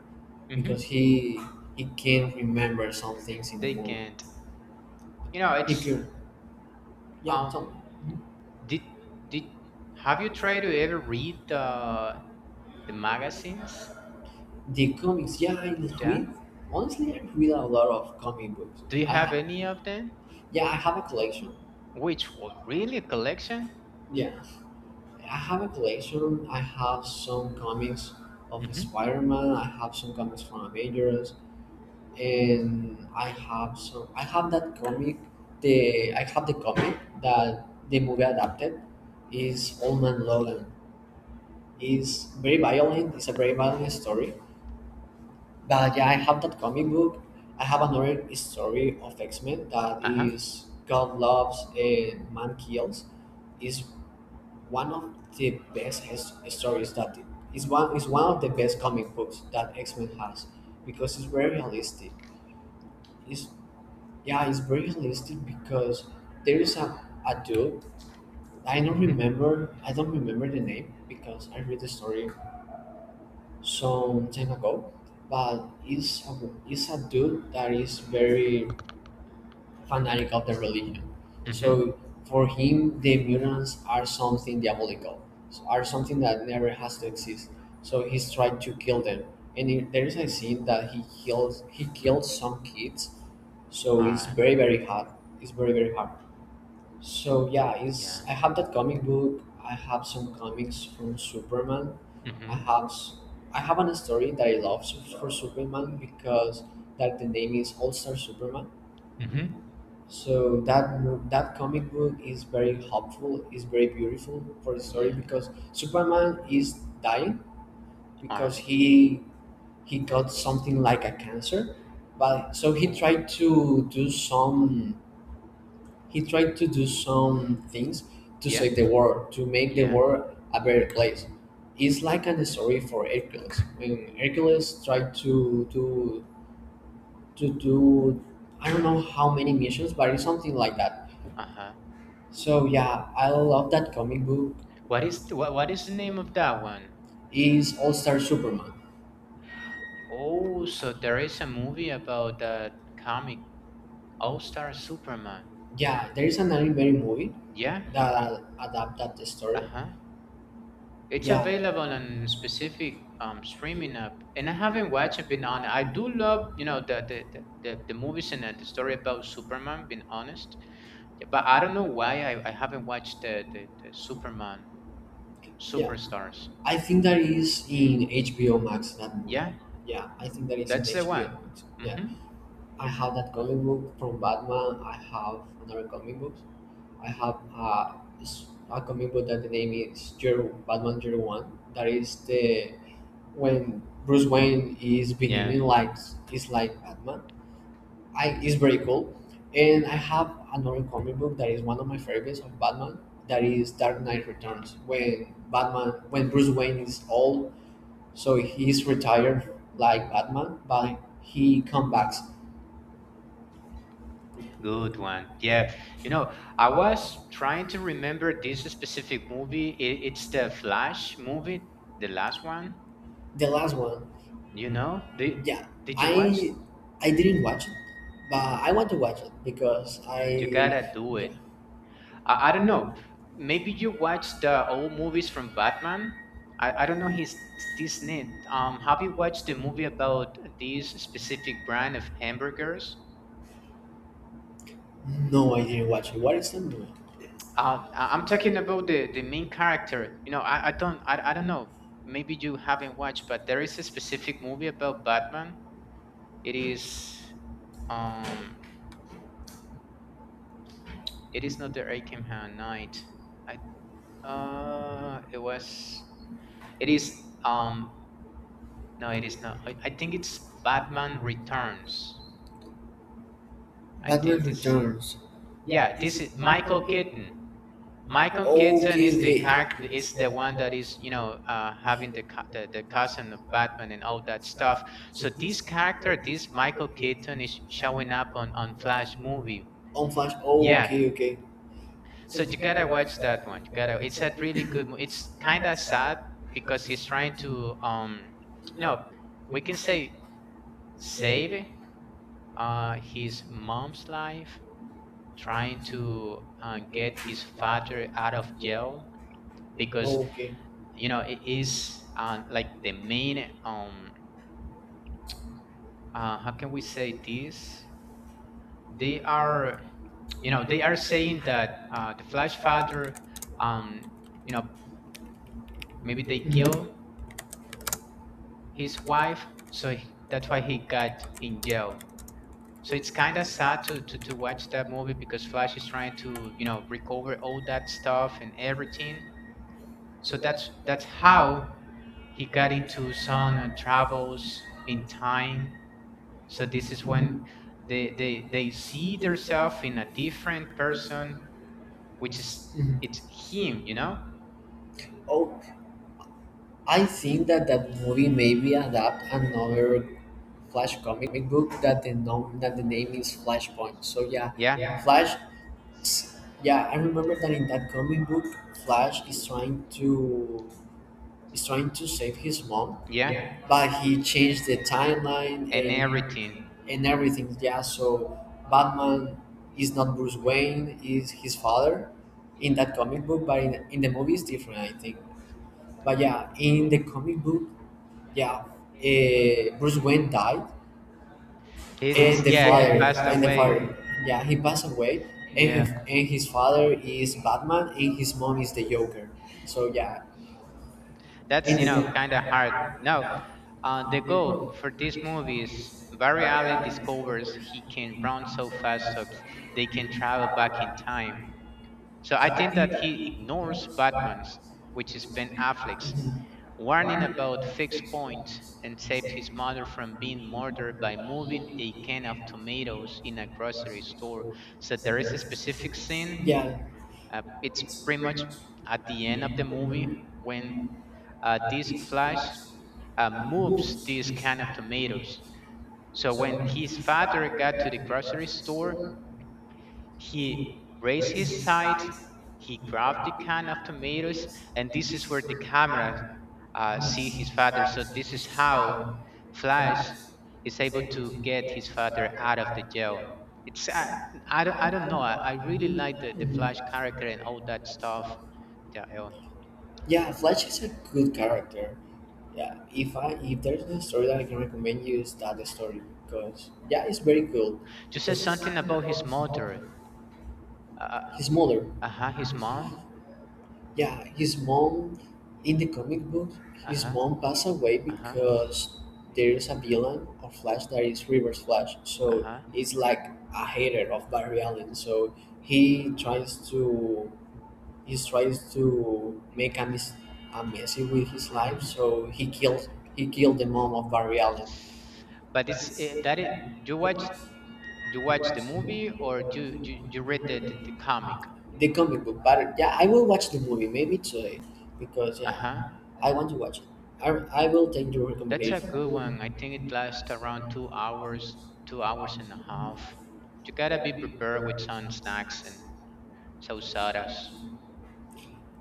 [SPEAKER 1] Hmm.
[SPEAKER 2] because he can't remember some things in the
[SPEAKER 1] They
[SPEAKER 2] movie.
[SPEAKER 1] can't. You know,
[SPEAKER 2] He
[SPEAKER 1] it's
[SPEAKER 2] could, yeah.
[SPEAKER 1] um.
[SPEAKER 2] Tell.
[SPEAKER 1] Did did have you tried to ever read the magazines?
[SPEAKER 2] The comics, yeah, I
[SPEAKER 1] Yeah.
[SPEAKER 2] read. Honestly, I read a lot of comic books.
[SPEAKER 1] Do
[SPEAKER 2] Do
[SPEAKER 1] you
[SPEAKER 2] you I,
[SPEAKER 1] have
[SPEAKER 2] have-
[SPEAKER 1] any of them?
[SPEAKER 2] yeah, I have a collection.
[SPEAKER 1] Which one? Really a collection?
[SPEAKER 2] Yeah, I have a collection. I have some comics of
[SPEAKER 1] Hmm.
[SPEAKER 2] Spider-Man. I have some comics from Avengers, and I have some. I have that comic. The I have the comic that the movie adapted is Old Man Logan. It's very violent. It's a very violent story. But yeah, I have that comic book. I have another story of X Men that
[SPEAKER 1] Uh huh.
[SPEAKER 2] is God loves and man kills. Is one of the best stories that is one of the best comic books that X Men has because it's very realistic. It's yeah, it's very realistic because there is a dude. I don't remember. I don't remember the name because I read the story some time ago. But it's a dude that is very fanatic of the religion. So for him, the mutants are something diabolical, so are something that never has to exist. So he's tried to kill them, and there is a scene that he killed some kids. So
[SPEAKER 1] All
[SPEAKER 2] it's
[SPEAKER 1] right.
[SPEAKER 2] very very hard. It's very very hard. So yeah,
[SPEAKER 1] Yeah.
[SPEAKER 2] it's I have that comic book. I have some comics from Superman. I
[SPEAKER 1] Mhm.
[SPEAKER 2] have s- I have an story that I love for Superman because that the name is All Star Superman,
[SPEAKER 1] Mhm.
[SPEAKER 2] so that comic book is very hopeful, is very beautiful for the story
[SPEAKER 1] Yeah.
[SPEAKER 2] because Superman is dying
[SPEAKER 1] All
[SPEAKER 2] because
[SPEAKER 1] right.
[SPEAKER 2] he got something like a cancer, but so he
[SPEAKER 1] Oh.
[SPEAKER 2] tried to do some he tried to do some things to
[SPEAKER 1] Yeah.
[SPEAKER 2] save the world to make the
[SPEAKER 1] Yeah.
[SPEAKER 2] world a better place. It's like an story for Hercules when Hercules tried to do I don't know how many missions, but it's something like that.
[SPEAKER 1] Uh huh.
[SPEAKER 2] So yeah, I love that comic book.
[SPEAKER 1] What is what is the name of that one?
[SPEAKER 2] Is All Star Superman?
[SPEAKER 1] Oh, so there is a movie about that comic All Star Superman.
[SPEAKER 2] Yeah, there is an anime movie. Yeah,
[SPEAKER 1] Yeah.
[SPEAKER 2] that adapted the story.
[SPEAKER 1] Uh-huh. It's
[SPEAKER 2] Yeah, yeah.
[SPEAKER 1] available on specific streaming app, and I haven't watched it. Been on. I do love, you know, the the movies and the story about Superman. Being honest, yeah, but I don't know why I haven't watched the, the Superman Superstars.
[SPEAKER 2] I think that is in HBO Max. That movie.
[SPEAKER 1] Yeah,
[SPEAKER 2] Yeah, yeah, I think that is in
[SPEAKER 1] that's the
[SPEAKER 2] HBO
[SPEAKER 1] one.
[SPEAKER 2] Max. Yeah,
[SPEAKER 1] Mm-hmm.
[SPEAKER 2] I have that comic book from Batman. I have another comic book. I have s- a comic book that the name is Zero, Batman 01. That is the when Bruce Wayne is
[SPEAKER 1] Yeah.
[SPEAKER 2] behaving like is like Batman. I is very cool. And I have another comic book that is one of my favorites of Batman. That is Dark Knight Returns. When Batman, when Bruce Wayne is old, so he's retired like Batman, but he comes back.
[SPEAKER 1] Good one. Yeah. You know, I was trying to remember this specific movie. It's the Flash movie, the last one.
[SPEAKER 2] The last one.
[SPEAKER 1] You know,
[SPEAKER 2] Yeah,
[SPEAKER 1] did you watch?
[SPEAKER 2] I I didn't watch it, but I want to watch it because
[SPEAKER 1] You
[SPEAKER 2] I
[SPEAKER 1] gotta
[SPEAKER 2] yeah.
[SPEAKER 1] do it. I don't know. Maybe you watch the old movies from Batman. I don't know his this name. Have you watched the movie about this specific brand of hamburgers?
[SPEAKER 2] No, I didn't watch it. What is the movie?
[SPEAKER 1] I'm talking about the, main character. You know, I don't I don't know. Maybe you haven't watched, but there is a specific movie about Batman. It is um it is not the Arkham Knight. I it was. It is. Um, no, it is not. I think it's Batman Returns. I
[SPEAKER 2] Batman
[SPEAKER 1] think this.
[SPEAKER 2] Returns.
[SPEAKER 1] Yeah, this is Michael Keaton. Michael
[SPEAKER 2] Okay,
[SPEAKER 1] Keaton is the
[SPEAKER 2] okay.
[SPEAKER 1] character. Is the one that is, you know, having the, the cousin of Batman and all that stuff. So this character, this Michael Keaton, is showing up on Flash movie.
[SPEAKER 2] On Flash.
[SPEAKER 1] Yeah,
[SPEAKER 2] Okay, okay.
[SPEAKER 1] so you gotta watch that one. You gotta. It's a really good movie. It's kind of sad because he's trying to, you know, we can say save his mom's life, trying to get his father out of jail because,
[SPEAKER 2] Okay.
[SPEAKER 1] you know, it is like the main how can we say this? They are, you know, they are saying that the Flash father um you know maybe they
[SPEAKER 2] Mhm.
[SPEAKER 1] kill. His wife so that's why he got in jail. So it's kind of sad to watch that movie because Flash is trying to recover all that stuff and everything. So that's how he got into some travels in time. So this is when they see themselves in a different person which is it's him, you know.
[SPEAKER 2] Oh, I think that that movie maybe adapt another Flash comic book that they know that the name is Flashpoint. So yeah.
[SPEAKER 1] Yeah,
[SPEAKER 2] Yeah. Flash. Is, yeah, I remember that in that comic book, Flash is trying to save his mom,
[SPEAKER 1] yeah,
[SPEAKER 2] but he changed the timeline and
[SPEAKER 1] and
[SPEAKER 2] everything.
[SPEAKER 1] everything
[SPEAKER 2] And everything. Yeah, so Batman is not Bruce Wayne, is his father in that comic book, but in the movie it's different, I think. But yeah, in the comic book, yeah, Bruce Wayne died,
[SPEAKER 1] it.
[SPEAKER 2] and the
[SPEAKER 1] Yeah, he
[SPEAKER 2] father
[SPEAKER 1] passed
[SPEAKER 2] and the
[SPEAKER 1] away.
[SPEAKER 2] father yeah, he passed away, and
[SPEAKER 1] Yeah.
[SPEAKER 2] his, and his father is Batman and his mom is the Joker. So yeah,
[SPEAKER 1] That's,
[SPEAKER 2] in the
[SPEAKER 1] kind of
[SPEAKER 2] co-
[SPEAKER 1] hard. No, the goal for this movie is Barry Allen discovers he can run so fast so they can travel back in time. So I think that he ignores Batman's, which is Ben Affleck's,
[SPEAKER 2] mhm,
[SPEAKER 1] warning about fixed points and saves his mother from being murdered by moving a can of tomatoes in a grocery store. So there is a specific scene.
[SPEAKER 2] yeah,
[SPEAKER 1] It's pretty much at the end of the movie when this Flash moves this can of tomatoes. So when his father got to the grocery store, he raised his sight, he grabbed the can of tomatoes, and this is where the camera see his father. So this is how Flash is able to get his father out of the jail. It's I don't know. I really like the Flash
[SPEAKER 2] mhm,
[SPEAKER 1] character and all that stuff. Yeah,
[SPEAKER 2] yeah, Flash is a good character. Yeah, if there's a story that I can recommend you is that story because yeah, it's very cool.
[SPEAKER 1] you said something about his mother. Uh
[SPEAKER 2] His mother.
[SPEAKER 1] huh. His mom.
[SPEAKER 2] Yeah, his mom in the comic book,
[SPEAKER 1] Uh
[SPEAKER 2] his
[SPEAKER 1] huh.
[SPEAKER 2] mom passed away
[SPEAKER 1] Uh huh.
[SPEAKER 2] because there's a villain of Flash that is Reverse Flash.
[SPEAKER 1] Uh
[SPEAKER 2] So
[SPEAKER 1] huh.
[SPEAKER 2] he's like a hater of Barry Allen. So he tries to he tries to make a messy with his
[SPEAKER 1] Hmm.
[SPEAKER 2] life. So he killed the mom of Barry Allen.
[SPEAKER 1] But it's that it. You watch. You watch the movie or you read the comic.
[SPEAKER 2] The comic book, but yeah, I will watch the movie maybe today because
[SPEAKER 1] Uh huh.
[SPEAKER 2] yeah, I want to watch it. I will take your
[SPEAKER 1] That's a
[SPEAKER 2] recommendation.
[SPEAKER 1] good one. I think it lasts around 2 hours, 2 hours and a half. You gotta be prepared with some snacks and some soda's.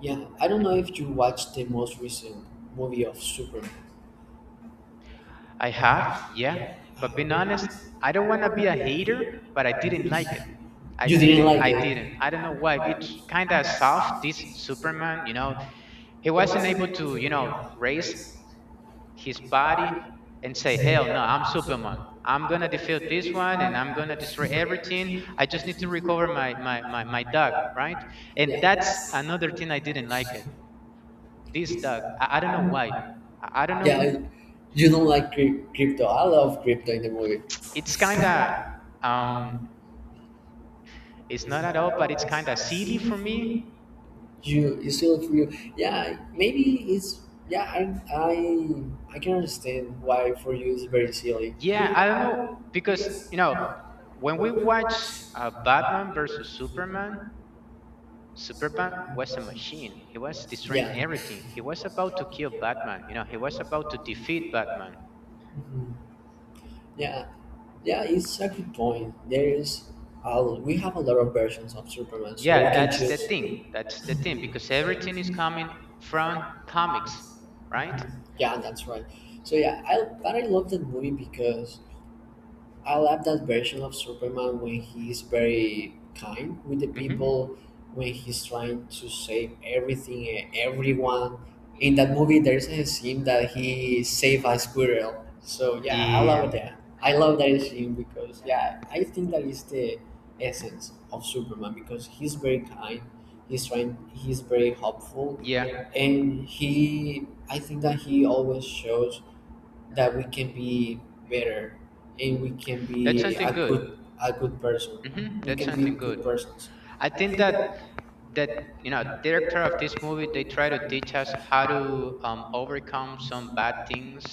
[SPEAKER 2] Yeah, I don't know if you watched the most recent movie of Superman.
[SPEAKER 1] I have, yeah. But being honest, I don't want to be a hater, but I didn't like it. I
[SPEAKER 2] You didn't
[SPEAKER 1] didn't.
[SPEAKER 2] like
[SPEAKER 1] I didn't.
[SPEAKER 2] it.
[SPEAKER 1] I don't know
[SPEAKER 2] Yeah.
[SPEAKER 1] why. It's kind of soft, this Superman, you know. He wasn't able to, you know, raise his body and say, hell no, I'm Superman. I'm going to defeat this one and I'm going to destroy everything. I just need to recover my dog, right? And that's another thing I didn't like it. This dog. I don't know why. I don't
[SPEAKER 2] Yeah,
[SPEAKER 1] know.
[SPEAKER 2] you don't like crypto. I love crypto in the movie.
[SPEAKER 1] It's kind of. Um, It's not at all, but it's kind of silly for me.
[SPEAKER 2] You still look for you, yeah. Maybe it's, yeah, I can understand why for you it's very silly.
[SPEAKER 1] Yeah, I don't know because you know when we watch Batman versus Superman, Superman was a machine. He was destroying
[SPEAKER 2] Yeah,
[SPEAKER 1] everything. He was about to kill Batman. You know, he was about to defeat Batman.
[SPEAKER 2] yeah, yeah, it's a good point. We have a lot of versions of Superman, so we
[SPEAKER 1] Yeah,
[SPEAKER 2] can
[SPEAKER 1] that's the
[SPEAKER 2] choose.
[SPEAKER 1] thing. That's the thing because everything is coming from comics, right?
[SPEAKER 2] Yeah, that's right. So yeah, I but I love that movie because I love that version of Superman when he is very kind with the
[SPEAKER 1] Hmm.
[SPEAKER 2] people, when he's trying to save everything and everyone. In that movie, there's a scene that he saved a squirrel. So yeah, I love,
[SPEAKER 1] Yeah.
[SPEAKER 2] yeah, that. I love that scene because yeah, I think that is the essence of Superman because he's very kind. He's trying. He's very helpful,
[SPEAKER 1] Yeah,
[SPEAKER 2] and he. I think that he always shows that we can be better and we can
[SPEAKER 1] that's
[SPEAKER 2] be
[SPEAKER 1] something
[SPEAKER 2] a
[SPEAKER 1] good.
[SPEAKER 2] good a good person.
[SPEAKER 1] Hmm.
[SPEAKER 2] We
[SPEAKER 1] That's
[SPEAKER 2] can be
[SPEAKER 1] something good.
[SPEAKER 2] good persons.
[SPEAKER 1] I think that that you know director of this movie they try to teach us how to overcome some bad things,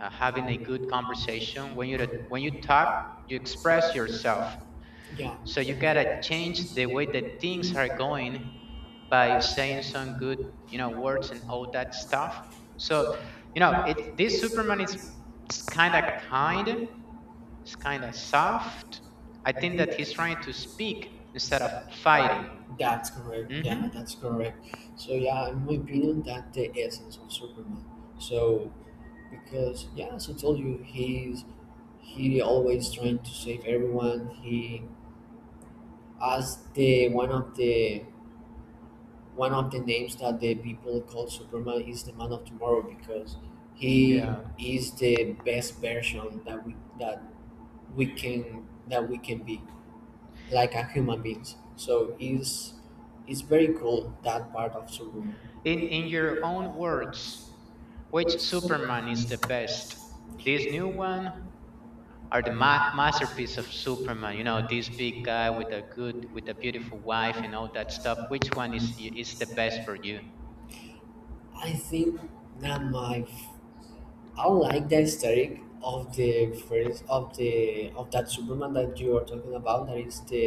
[SPEAKER 1] having a good conversation. When you talk, you express yourself.
[SPEAKER 2] Yeah,
[SPEAKER 1] So you gotta change the way that things are going by saying some good, you know, words and all that stuff, so you know it, this Superman is it's kind of soft. I think that he's trying to speak instead of fighting.
[SPEAKER 2] that's correct.
[SPEAKER 1] Hmm.
[SPEAKER 2] Yeah, that's correct. So yeah, in my opinion, that's the essence of Superman. So because yeah, as I told you, he always trying to save everyone. He as the one of the one of the names that the people call Superman is the man of tomorrow because he
[SPEAKER 1] Yeah,
[SPEAKER 2] is the best version we can that we can be like a human beings. So it's very cool that part of Superman.
[SPEAKER 1] in your own words, which Superman is the best? This new one are the masterpiece of Superman. You know, this big guy with a good, with a beautiful wife and all that stuff. Which one is is the best for you?
[SPEAKER 2] I think that I like the aesthetic of the first of the of that Superman that you are talking about that is the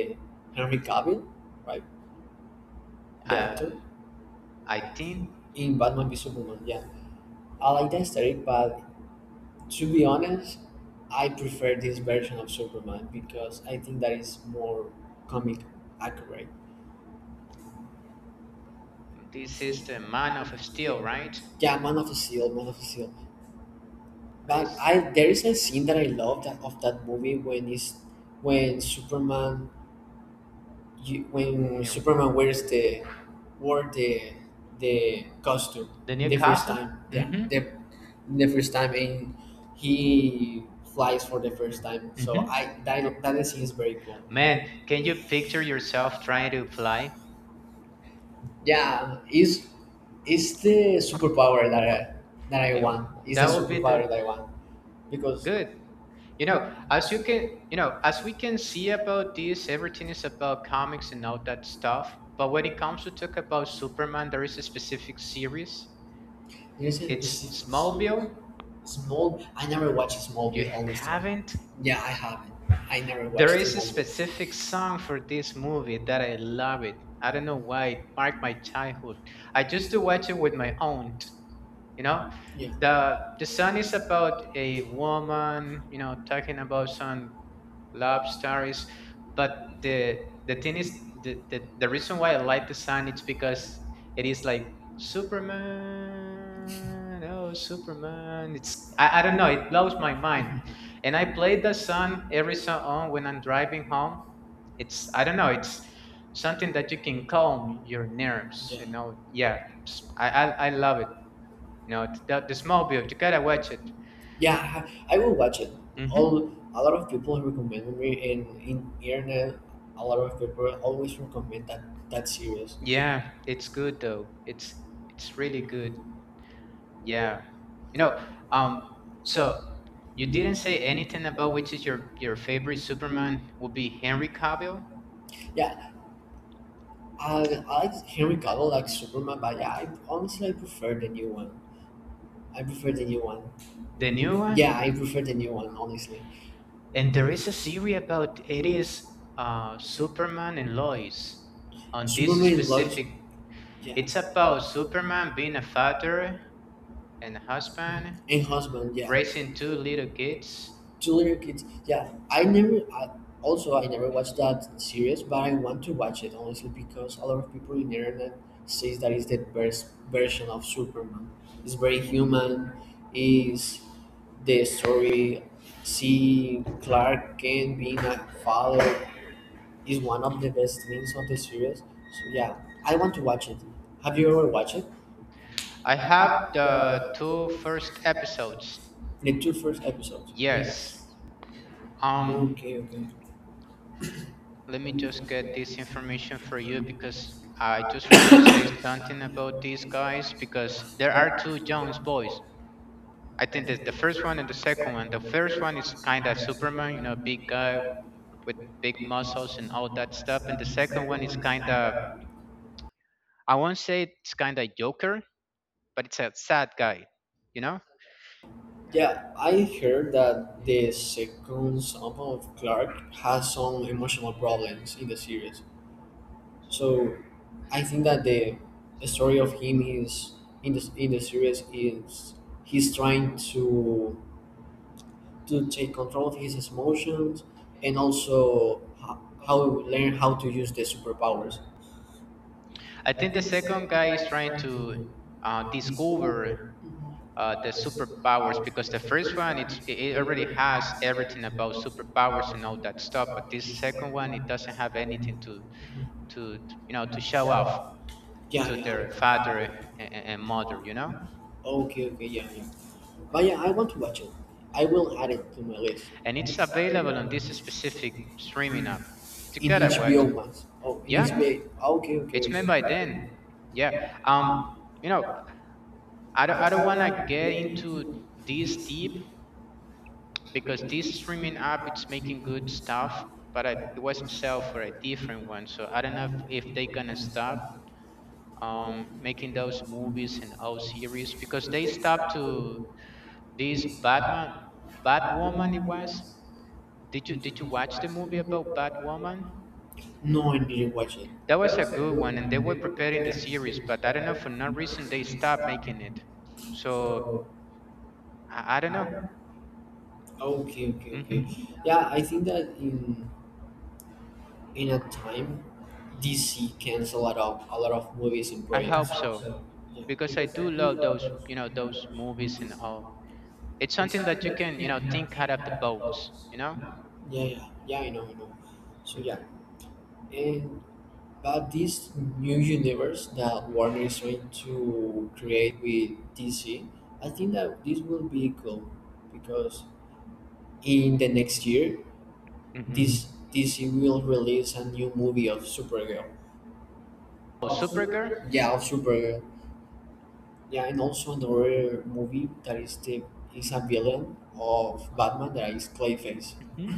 [SPEAKER 2] Henry Cavill, right, the
[SPEAKER 1] Uh,
[SPEAKER 2] actor
[SPEAKER 1] I think
[SPEAKER 2] in Batman v Superman. Yeah, I like the aesthetic, but to be honest, I prefer this version of Superman because I think that is more comic accurate.
[SPEAKER 1] this is the Man of Steel, right?
[SPEAKER 2] Yeah, Man of Steel, Man of Steel.
[SPEAKER 1] What
[SPEAKER 2] But
[SPEAKER 1] is?
[SPEAKER 2] I there is a scene that I love that of that movie when is when Superman you, when
[SPEAKER 1] Henry-
[SPEAKER 2] Superman wears the wore the costume
[SPEAKER 1] The new
[SPEAKER 2] the first
[SPEAKER 1] costume?
[SPEAKER 2] costume time. Yeah,
[SPEAKER 1] Mm-hmm.
[SPEAKER 2] mhm, the first time and he flies for the first time. So
[SPEAKER 1] Mm-hmm.
[SPEAKER 2] mhm. I that that scene is very cool.
[SPEAKER 1] Man, can you picture yourself trying to fly?
[SPEAKER 2] Yeah, is the superpower that I
[SPEAKER 1] It,
[SPEAKER 2] want. Is the
[SPEAKER 1] that would be the
[SPEAKER 2] Superpower that I want because
[SPEAKER 1] good. You know, as you can, as we can see about this, everything is about comics and all that stuff. But when it comes to talk about Superman, there is a specific series.
[SPEAKER 2] there's a
[SPEAKER 1] It's
[SPEAKER 2] specific.
[SPEAKER 1] Smallville.
[SPEAKER 2] Small. I never watched
[SPEAKER 1] You
[SPEAKER 2] Smallville. Only.
[SPEAKER 1] haven't?
[SPEAKER 2] Yeah, I haven't. I never watched
[SPEAKER 1] There is a
[SPEAKER 2] Smallville.
[SPEAKER 1] specific song for this movie that I love it. I don't know why it marked my childhood. I used to watch it with my aunt, you know?
[SPEAKER 2] Yeah,
[SPEAKER 1] The song is about a woman, you know, talking about some love stories, but the the thing is the reason why I like the sign, it's because it is like Superman. Oh, Superman. It's I don't know, it blows my mind, and I play the song every so on when I'm driving home. It's, I don't know, it's something that you can calm your nerves, you know. Yeah, I love it, you know. It's the small build. You gotta watch it.
[SPEAKER 2] yeah. I will watch it.
[SPEAKER 1] Hmm.
[SPEAKER 2] All a lot of people recommend me, and in internet, a lot of people always recommend that series.
[SPEAKER 1] Yeah, it's good though. It's really good. Yeah. You know, um, so you didn't say anything about which is your favorite Superman would be Henry Cavill,
[SPEAKER 2] Yeah, I like Henry Cavill like Superman, but yeah, I, honestly I prefer the new one. I prefer the new one.
[SPEAKER 1] the new one.
[SPEAKER 2] Yeah, I prefer the new one honestly.
[SPEAKER 1] And there is a series about it is Superman and Lois. On this
[SPEAKER 2] Superman Lois.
[SPEAKER 1] specific,
[SPEAKER 2] Yeah.
[SPEAKER 1] it's about Superman being a father and a husband,
[SPEAKER 2] And husband, yeah.
[SPEAKER 1] raising two little kids.
[SPEAKER 2] Two little kids. Also, I never watched that series, but I want to watch it honestly because a lot of people in the internet says that is the best version of Superman. It's very human. Is the story, see Clark Kent being a father is one of the best things of the series. So yeah, I want to watch it. Have you ever watched it?
[SPEAKER 1] I have the two first episodes.
[SPEAKER 2] The two first episodes.
[SPEAKER 1] Yes. Um
[SPEAKER 2] Okay, okay.
[SPEAKER 1] let me just get this information for you because I just want to say something about these guys, because there are two Jones boys. I think that the first one and the second one. The first one is kind of Superman, you know, big guy with big muscles and all that stuff. And the second one is kind of, I won't say it's kind of Joker, but it's a sad guy, you know?
[SPEAKER 2] Yeah, I heard that the second son of Clark has some emotional problems in the series. So I think that the story of him is in the series is he's trying to take control of his emotions and also how, learn how to use the superpowers.
[SPEAKER 1] I think the second guy is trying to discover the superpowers because the first one it's it it already has everything about superpowers and all that stuff, but this second one it doesn't have anything to to to, you know, to show off
[SPEAKER 2] Yeah,
[SPEAKER 1] to
[SPEAKER 2] yeah.
[SPEAKER 1] their father
[SPEAKER 2] Okay,
[SPEAKER 1] and mother, you know.
[SPEAKER 2] okay, okay, yeah, yeah. But yeah, I want to watch it. I will add it to my list.
[SPEAKER 1] And it's available on this specific streaming app. You
[SPEAKER 2] In
[SPEAKER 1] gotta watch.
[SPEAKER 2] HBO Max. Oh, in
[SPEAKER 1] Yeah,
[SPEAKER 2] HBO. Okay, okay,
[SPEAKER 1] it's made by then.
[SPEAKER 2] okay.
[SPEAKER 1] Yeah. um you know, I don't want to get into this deep because this streaming app it's making good stuff, but I, it was sell for a different one, so I don't know if they gonna stop making those movies and all series because they stopped to this Batman Batwoman. It was. Did you watch the movie about Batwoman?
[SPEAKER 2] No, I didn't watch it.
[SPEAKER 1] That was a good one, and they were preparing the series, but I don't know, for no reason they stopped making it. So I don't know.
[SPEAKER 2] Okay, okay, okay.
[SPEAKER 1] Hmm.
[SPEAKER 2] Yeah, I think that in a time DC cancel a lot of movies and
[SPEAKER 1] I
[SPEAKER 2] projects.
[SPEAKER 1] hope so
[SPEAKER 2] Yeah,
[SPEAKER 1] because I do love those, you know, those movies and all. It's something that you can, you know, think out of the box, you know.
[SPEAKER 2] yeah, yeah, yeah. I know, I know. So yeah, and but this new universe that Warner is trying to create with DC, I think that this will be cool because in the next year
[SPEAKER 1] Mm-hmm.
[SPEAKER 2] this DC will release a new movie of Supergirl.
[SPEAKER 1] Oh, Supergirl.
[SPEAKER 2] Yeah, of Supergirl. Yeah, and also another movie that is the is a villain of Batman that is Clayface.
[SPEAKER 1] Hmm.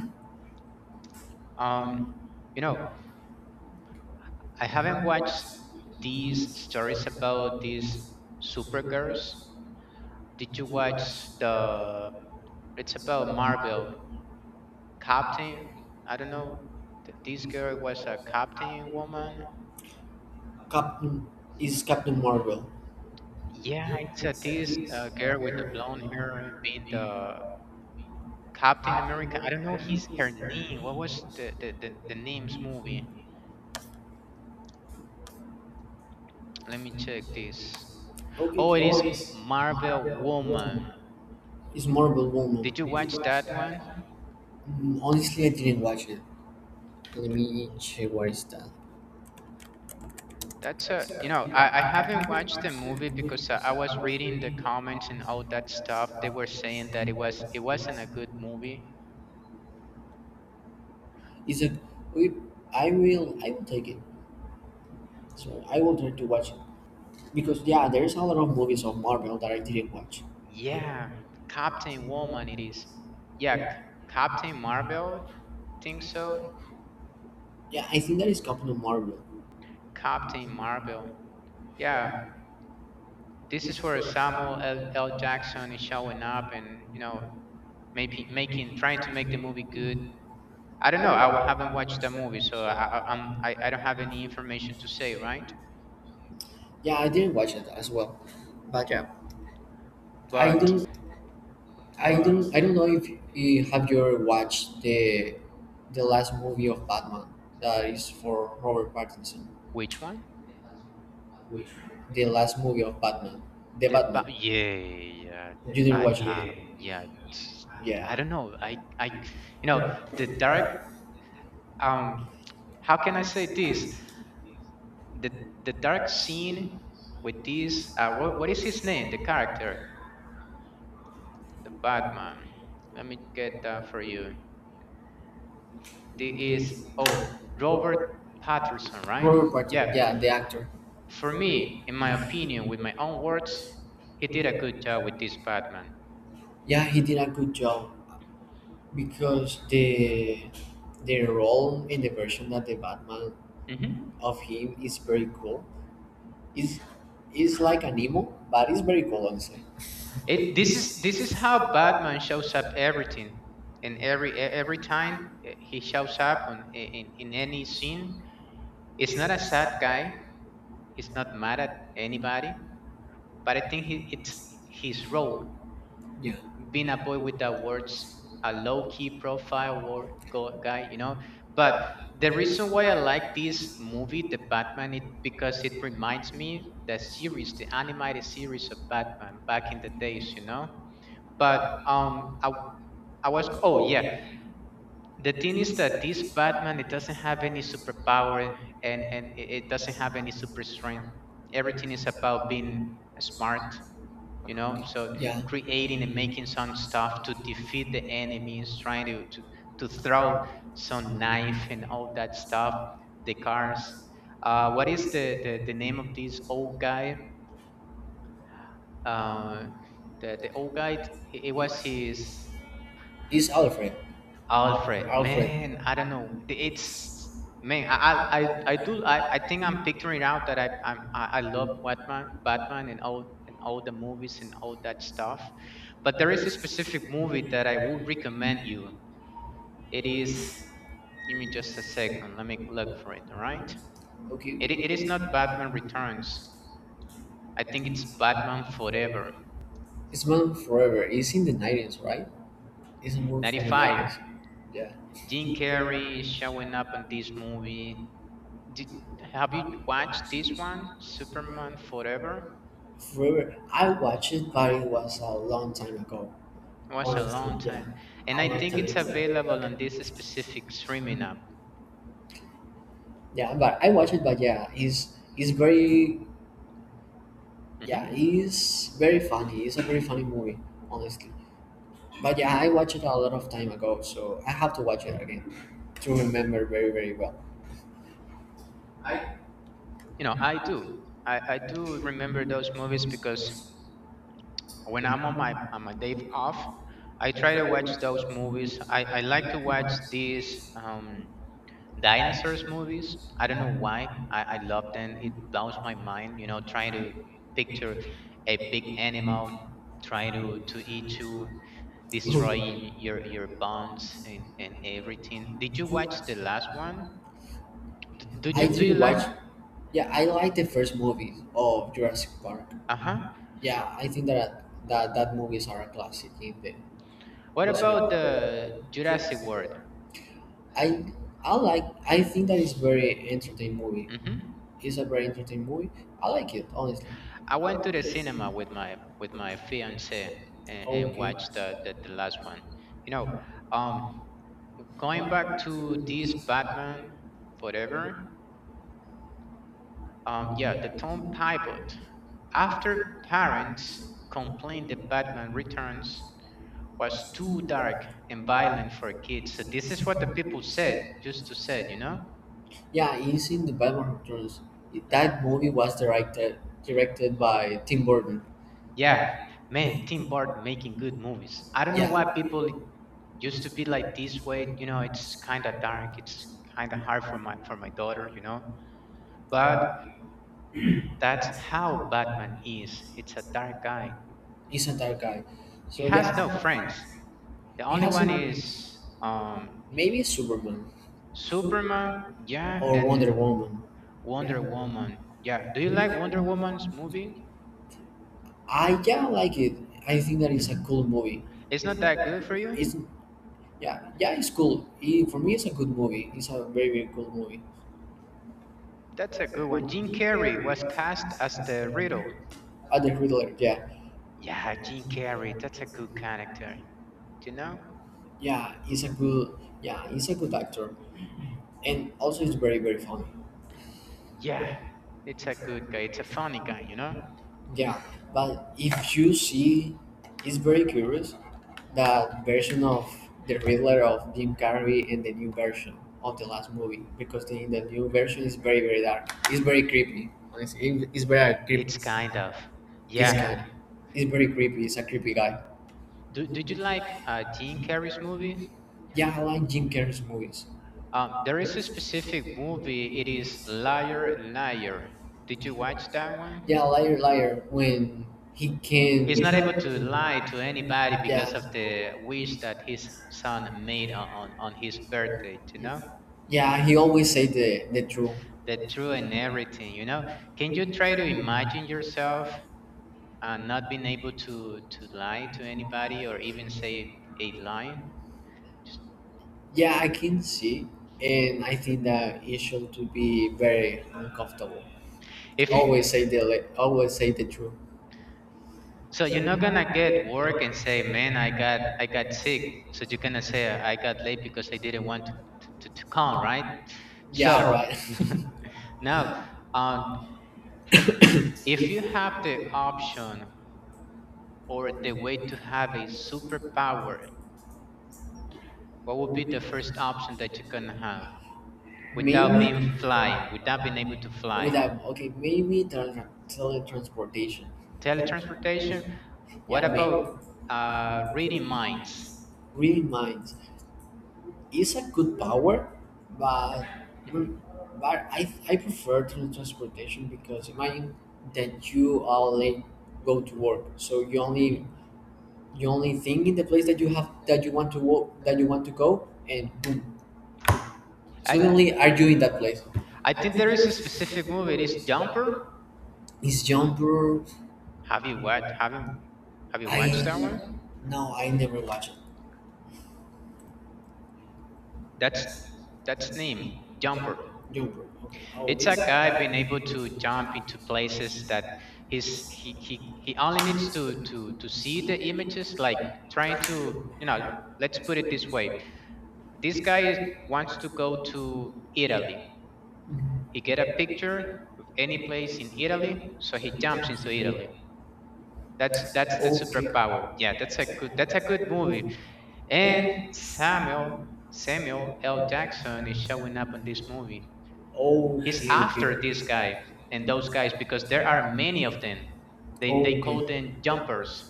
[SPEAKER 1] um you know, I haven't watched these stories about these supergirls. Did you watch the it's about Marvel Captain. I don't know, this girl was a Captain Woman.
[SPEAKER 2] Captain is Captain Marvel.
[SPEAKER 1] Yeah, it's a this girl with the blonde hair and being the Captain America. I don't know his her name. What was the name's movie? Let me check this.
[SPEAKER 2] Okay,
[SPEAKER 1] Oh, it is
[SPEAKER 2] okay.
[SPEAKER 1] Marvel Woman.
[SPEAKER 2] It's Marvel Woman.
[SPEAKER 1] Did you watch that one?
[SPEAKER 2] Mm, honestly, I didn't watch it. Let me check what is that.
[SPEAKER 1] That's a, you know, I haven't watched the movie because I was reading the comments and all that stuff. They were saying that it wasn't a good movie.
[SPEAKER 2] Is it? Wait, I will. I will take it. So I will try to watch it because yeah, there is a lot of movies of Marvel that I didn't watch.
[SPEAKER 1] Yeah, Captain Woman it is. Yeah, Captain Marvel. Think so.
[SPEAKER 2] Yeah, I think that is Captain Marvel.
[SPEAKER 1] Captain Marvel. Yeah, this is where Samuel L. Jackson is showing up and, you know, maybe making trying to make the movie good. I don't know. Haven't watched the movie, so I don't have any information to say, right?
[SPEAKER 2] Yeah, I didn't watch it as well, but yeah,
[SPEAKER 1] But
[SPEAKER 2] I don't know if you have, you ever watched the last movie of Batman that is for Robert Pattinson.
[SPEAKER 1] which one?
[SPEAKER 2] The last movie of Batman, the
[SPEAKER 1] The
[SPEAKER 2] Batman.
[SPEAKER 1] yeah, yeah,
[SPEAKER 2] You didn't
[SPEAKER 1] I
[SPEAKER 2] watch
[SPEAKER 1] have,
[SPEAKER 2] it?
[SPEAKER 1] yeah. I
[SPEAKER 2] Yeah,
[SPEAKER 1] don't know. I you know the dark um. How can I say this? The the dark scene with this. What is his name? The character, The Batman. Let me get that for you. This is, oh, Robert Patterson, right?
[SPEAKER 2] Robert Pattinson.
[SPEAKER 1] Yeah.
[SPEAKER 2] Yeah, the actor.
[SPEAKER 1] For me, in my opinion, with my own words, he did a good job with this Batman.
[SPEAKER 2] Yeah, he did a good job because the role in the version that the Batman
[SPEAKER 1] Hmm.
[SPEAKER 2] of him is very cool. It's, it's like an emo, but it's very cool, honestly.
[SPEAKER 1] It this is This is how Batman shows up everything, and every every time he shows up on I- in any scene. It's not a sad guy. He's not mad at anybody, but I think he, it's his role
[SPEAKER 2] Yeah,
[SPEAKER 1] being a boy without words, a low key profile guy, you know. But the reason why I like this movie, The Batman, it because it reminds me the series, the animated series of Batman back in the days, you know. But I was oh yeah, the thing is that this Batman it doesn't have any superpower and it doesn't have any super strength. Everything is about being smart, you know, so
[SPEAKER 2] yeah.
[SPEAKER 1] creating and making some stuff to defeat the enemies, trying to throw some knife and all that stuff. The cars. What is the name of this old guy? uh The, old guy, it was his
[SPEAKER 2] It's Alfred.
[SPEAKER 1] Alfred,
[SPEAKER 2] Alfred.
[SPEAKER 1] man, I don't know. It's man, I think I'm picturing out that I love Batman and all the movies and all that stuff. But there is a specific movie that I would recommend you. It is, give me just a second, let me look for it, all right?
[SPEAKER 2] Okay,
[SPEAKER 1] It is not Batman
[SPEAKER 2] okay.
[SPEAKER 1] Returns. I think it's Batman Forever.
[SPEAKER 2] It's been forever. It's in the 90s, right? It's a movie from the
[SPEAKER 1] 95.
[SPEAKER 2] 90s. Yeah.
[SPEAKER 1] Jim Carrey is showing up in this movie. Did, have you watched this one? Superman Forever?
[SPEAKER 2] Forever. I watched it, but it was a long time ago.
[SPEAKER 1] Was a
[SPEAKER 2] Honestly,
[SPEAKER 1] long
[SPEAKER 2] yeah.
[SPEAKER 1] time.
[SPEAKER 2] A
[SPEAKER 1] And I
[SPEAKER 2] long
[SPEAKER 1] think it's available on this
[SPEAKER 2] time
[SPEAKER 1] specific streaming
[SPEAKER 2] ago.
[SPEAKER 1] app.
[SPEAKER 2] Yeah, but I watched it, but yeah, he's very,
[SPEAKER 1] Hmm.
[SPEAKER 2] yeah, he's very funny. It's a very funny movie, honestly. But yeah, I watched it a lot of time ago, so I have to watch it again to remember very very well.
[SPEAKER 1] You know, I do. I do remember those movies because when I'm on my day off, I try to watch those movies. I like to watch these dinosaurs movies. I don't know why. I love them. It blows my mind, you know, trying to picture a big animal trying to eat you, destroying your bones, and everything. Did you watch the last one? D- do
[SPEAKER 2] I
[SPEAKER 1] you do you
[SPEAKER 2] didn't
[SPEAKER 1] like?
[SPEAKER 2] watch. Yeah, I like the first movie of Jurassic Park.
[SPEAKER 1] Uh huh.
[SPEAKER 2] Yeah, I think that that movies are a classic in the
[SPEAKER 1] What
[SPEAKER 2] in
[SPEAKER 1] about
[SPEAKER 2] cinema.
[SPEAKER 1] the Jurassic World?
[SPEAKER 2] I I like. I think that it's very entertaining movie.
[SPEAKER 1] Hmm.
[SPEAKER 2] It's a very entertaining movie. I like it honestly.
[SPEAKER 1] I went to the cinema with my fiance and
[SPEAKER 2] Okay.
[SPEAKER 1] watched the last one. You know, um, Going back to this Batman, whatever. Yeah, the Tom pivot after parents complained that Batman Returns was too dark and violent for kids. So this is what the people said, just to say, you know?
[SPEAKER 2] Yeah, he's in the Batman Returns. That movie was directed by Tim Burton.
[SPEAKER 1] Yeah, man, Tim Burton making good movies. I don't know
[SPEAKER 2] Yeah,
[SPEAKER 1] why people used to be like this way. It's kind of dark. It's kind of hard for my daughter. But that's how Batman is. It's a dark guy.
[SPEAKER 2] he's an entire guy.
[SPEAKER 1] He
[SPEAKER 2] So
[SPEAKER 1] has no
[SPEAKER 2] yeah,
[SPEAKER 1] friends. The
[SPEAKER 2] he
[SPEAKER 1] only
[SPEAKER 2] has
[SPEAKER 1] one
[SPEAKER 2] a,
[SPEAKER 1] is um
[SPEAKER 2] maybe Superman
[SPEAKER 1] Superman. Yeah,
[SPEAKER 2] or
[SPEAKER 1] and
[SPEAKER 2] Wonder Woman.
[SPEAKER 1] Wonder Woman. Yeah. Do you like Wonder Woman's movies?
[SPEAKER 2] I yeah like it. I think that it's a cool movie.
[SPEAKER 1] It's not that good for you?
[SPEAKER 2] It's yeah yeah it's cool. It, for me, it's a good movie. It's a very very cool movie.
[SPEAKER 1] That's a good one. Jim Carrey was cast as the Riddle.
[SPEAKER 2] Other Riddler, yeah.
[SPEAKER 1] Yeah, Jim Carrey, that's a good character. You know?
[SPEAKER 2] Yeah, he's a good. Yeah, he's a good actor, and also he's very very funny.
[SPEAKER 1] Yeah, it's a good guy. It's a funny guy, you know?
[SPEAKER 2] Yeah, but if you see, it's very curious that version of the Riddler of Jim Carrey and the new version of the last movie because the, new version is very very dark. It's very creepy. Honestly, it's very creepy.
[SPEAKER 1] It's
[SPEAKER 2] It's yeah.
[SPEAKER 1] kind
[SPEAKER 2] kind.
[SPEAKER 1] of. Yeah.
[SPEAKER 2] It's very creepy. It's a creepy guy.
[SPEAKER 1] Did you like Jim Carrey's movies?
[SPEAKER 2] Yeah, I like Jim Carrey's movies.
[SPEAKER 1] There is a specific movie. It is Liar, Liar. Did you watch that one?
[SPEAKER 2] Yeah, Liar Liar when he can.
[SPEAKER 1] He's not able to lie to anybody because
[SPEAKER 2] Yeah.
[SPEAKER 1] of the wish that his son made on his birthday, you know?
[SPEAKER 2] Yeah, he always say the truth.
[SPEAKER 1] The truth and everything, you know? Can you try to imagine yourself, not being able to lie to anybody or even say a lie?
[SPEAKER 2] Yeah, I can see, and I think that it should to be very uncomfortable.
[SPEAKER 1] If you,
[SPEAKER 2] Always say the truth.
[SPEAKER 1] so you're not gonna get work and say, man, I got sick. So you're gonna say I got late because I didn't want to come, right? So
[SPEAKER 2] Yeah, right.
[SPEAKER 1] now, um if you have the option or the way to have a superpower, what would be the first option that you can have, without being
[SPEAKER 2] maybe
[SPEAKER 1] flying, without being
[SPEAKER 2] without
[SPEAKER 1] able to fly?
[SPEAKER 2] okay, maybe teletransportation.
[SPEAKER 1] Teletransportation. What
[SPEAKER 2] Yeah, maybe
[SPEAKER 1] about reading minds?
[SPEAKER 2] read minds. Is a good power, but
[SPEAKER 1] Hmm. Hmm.
[SPEAKER 2] I prefer to transportation because imagine that you are late go to work, so you only think in the place that you have that you want to walk that you want to go, and boom,
[SPEAKER 1] I
[SPEAKER 2] suddenly are you in that place?
[SPEAKER 1] I think there is a specific movie. It is Jumper.
[SPEAKER 2] Is Jumper?
[SPEAKER 1] Have you watched? Have you watched that
[SPEAKER 2] I
[SPEAKER 1] one?
[SPEAKER 2] no, I never watch it.
[SPEAKER 1] That's that's name Jumper.
[SPEAKER 2] Jumper. Okay. Oh,
[SPEAKER 1] It's
[SPEAKER 2] okay.
[SPEAKER 1] a guy being able to jump into places that he's he only needs to see the images. Like trying to. Let's put it this way. This guy wants to go to Italy. He get a picture of any place in Italy, so he jumps into Italy. That's the
[SPEAKER 2] Okay.
[SPEAKER 1] superpower. Yeah, that's a good movie. And Samuel L. Jackson is showing up in this movie. He's
[SPEAKER 2] Okay.
[SPEAKER 1] after this
[SPEAKER 2] Okay.
[SPEAKER 1] guy and those guys because there are many of them. They call
[SPEAKER 2] Okay.
[SPEAKER 1] them jumpers.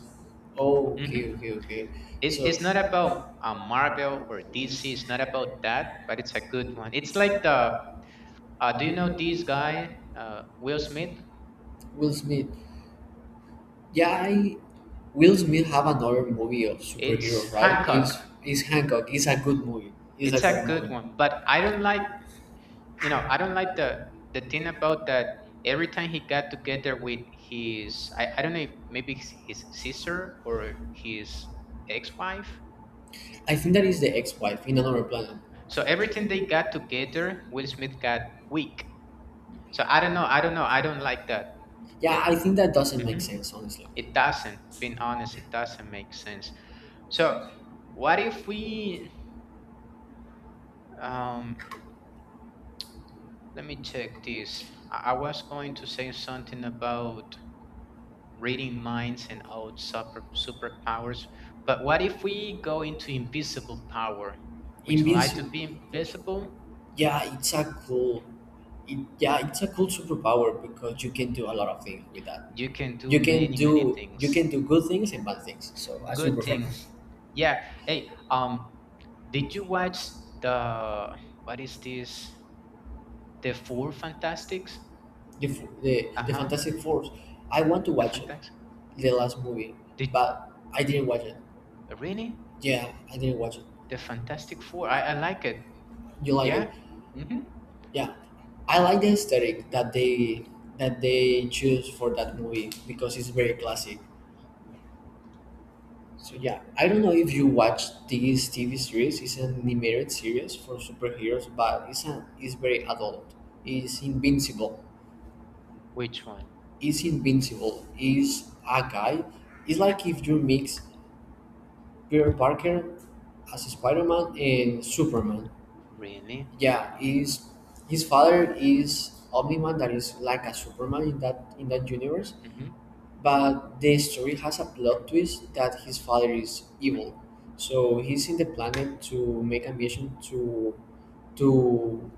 [SPEAKER 1] Hmm.
[SPEAKER 2] Okay, okay, okay.
[SPEAKER 1] It's
[SPEAKER 2] So
[SPEAKER 1] it's not about a Marvel or DC. It's not about that, but it's a good one. It's like the do you know this guy, Will Smith?
[SPEAKER 2] Will Smith. Yeah, I Will Smith have another movie of
[SPEAKER 1] It's
[SPEAKER 2] superhero, right?
[SPEAKER 1] Hancock.
[SPEAKER 2] It's Hancock. It's a
[SPEAKER 1] It's a
[SPEAKER 2] good
[SPEAKER 1] good
[SPEAKER 2] movie.
[SPEAKER 1] one, but I don't like the thing about that. Every time he got together with his, I don't know if maybe it's his sister or his ex-wife.
[SPEAKER 2] I think that is the ex-wife in another planet.
[SPEAKER 1] So everything they got together, Will Smith got weak. So I don't know. I don't know. I don't like that. That.
[SPEAKER 2] Yeah, I think that doesn't make
[SPEAKER 1] Mhm.
[SPEAKER 2] sense, honestly.
[SPEAKER 1] It doesn't. Being honest, it doesn't make sense. So what if we, um let me check this. I was going to say something about reading minds and out superpowers, but what if we go into invisible power? Would you like to be
[SPEAKER 2] Invincible.
[SPEAKER 1] invisible?
[SPEAKER 2] Yeah, it's a cool. It, yeah, it's a cool superpower because you can do a lot of things with that.
[SPEAKER 1] You can do many, many
[SPEAKER 2] You
[SPEAKER 1] things.
[SPEAKER 2] can do good things and bad things. So as you
[SPEAKER 1] Good
[SPEAKER 2] prefer.
[SPEAKER 1] things. Yeah. Hey, um, did you watch the, what is this? The Four Fantastics?
[SPEAKER 2] The, the
[SPEAKER 1] Uh-huh.
[SPEAKER 2] Fantastic Four. I want to
[SPEAKER 1] The
[SPEAKER 2] watch it,
[SPEAKER 1] Fantastic.
[SPEAKER 2] the last movie,
[SPEAKER 1] Did,
[SPEAKER 2] but I didn't watch it.
[SPEAKER 1] really?
[SPEAKER 2] Yeah, I didn't watch it.
[SPEAKER 1] The Fantastic Four. I like it.
[SPEAKER 2] You like
[SPEAKER 1] Yeah.
[SPEAKER 2] it?
[SPEAKER 1] Hmm.
[SPEAKER 2] Yeah, I like the aesthetic that they choose for that movie because it's very classic. So yeah, I don't know if you watch this TV series. It's an animated series for superheroes, but it's very adult. It's invincible.
[SPEAKER 1] Which one?
[SPEAKER 2] It's invincible. It's a guy. It's like if you mix Peter Parker as Spider-Man and Superman.
[SPEAKER 1] Really?
[SPEAKER 2] Yeah, his father is Omni-Man, that is like a Superman in that universe.
[SPEAKER 1] Hmm.
[SPEAKER 2] But the story has a plot twist that his father is evil. So he's in the planet to make ambition to to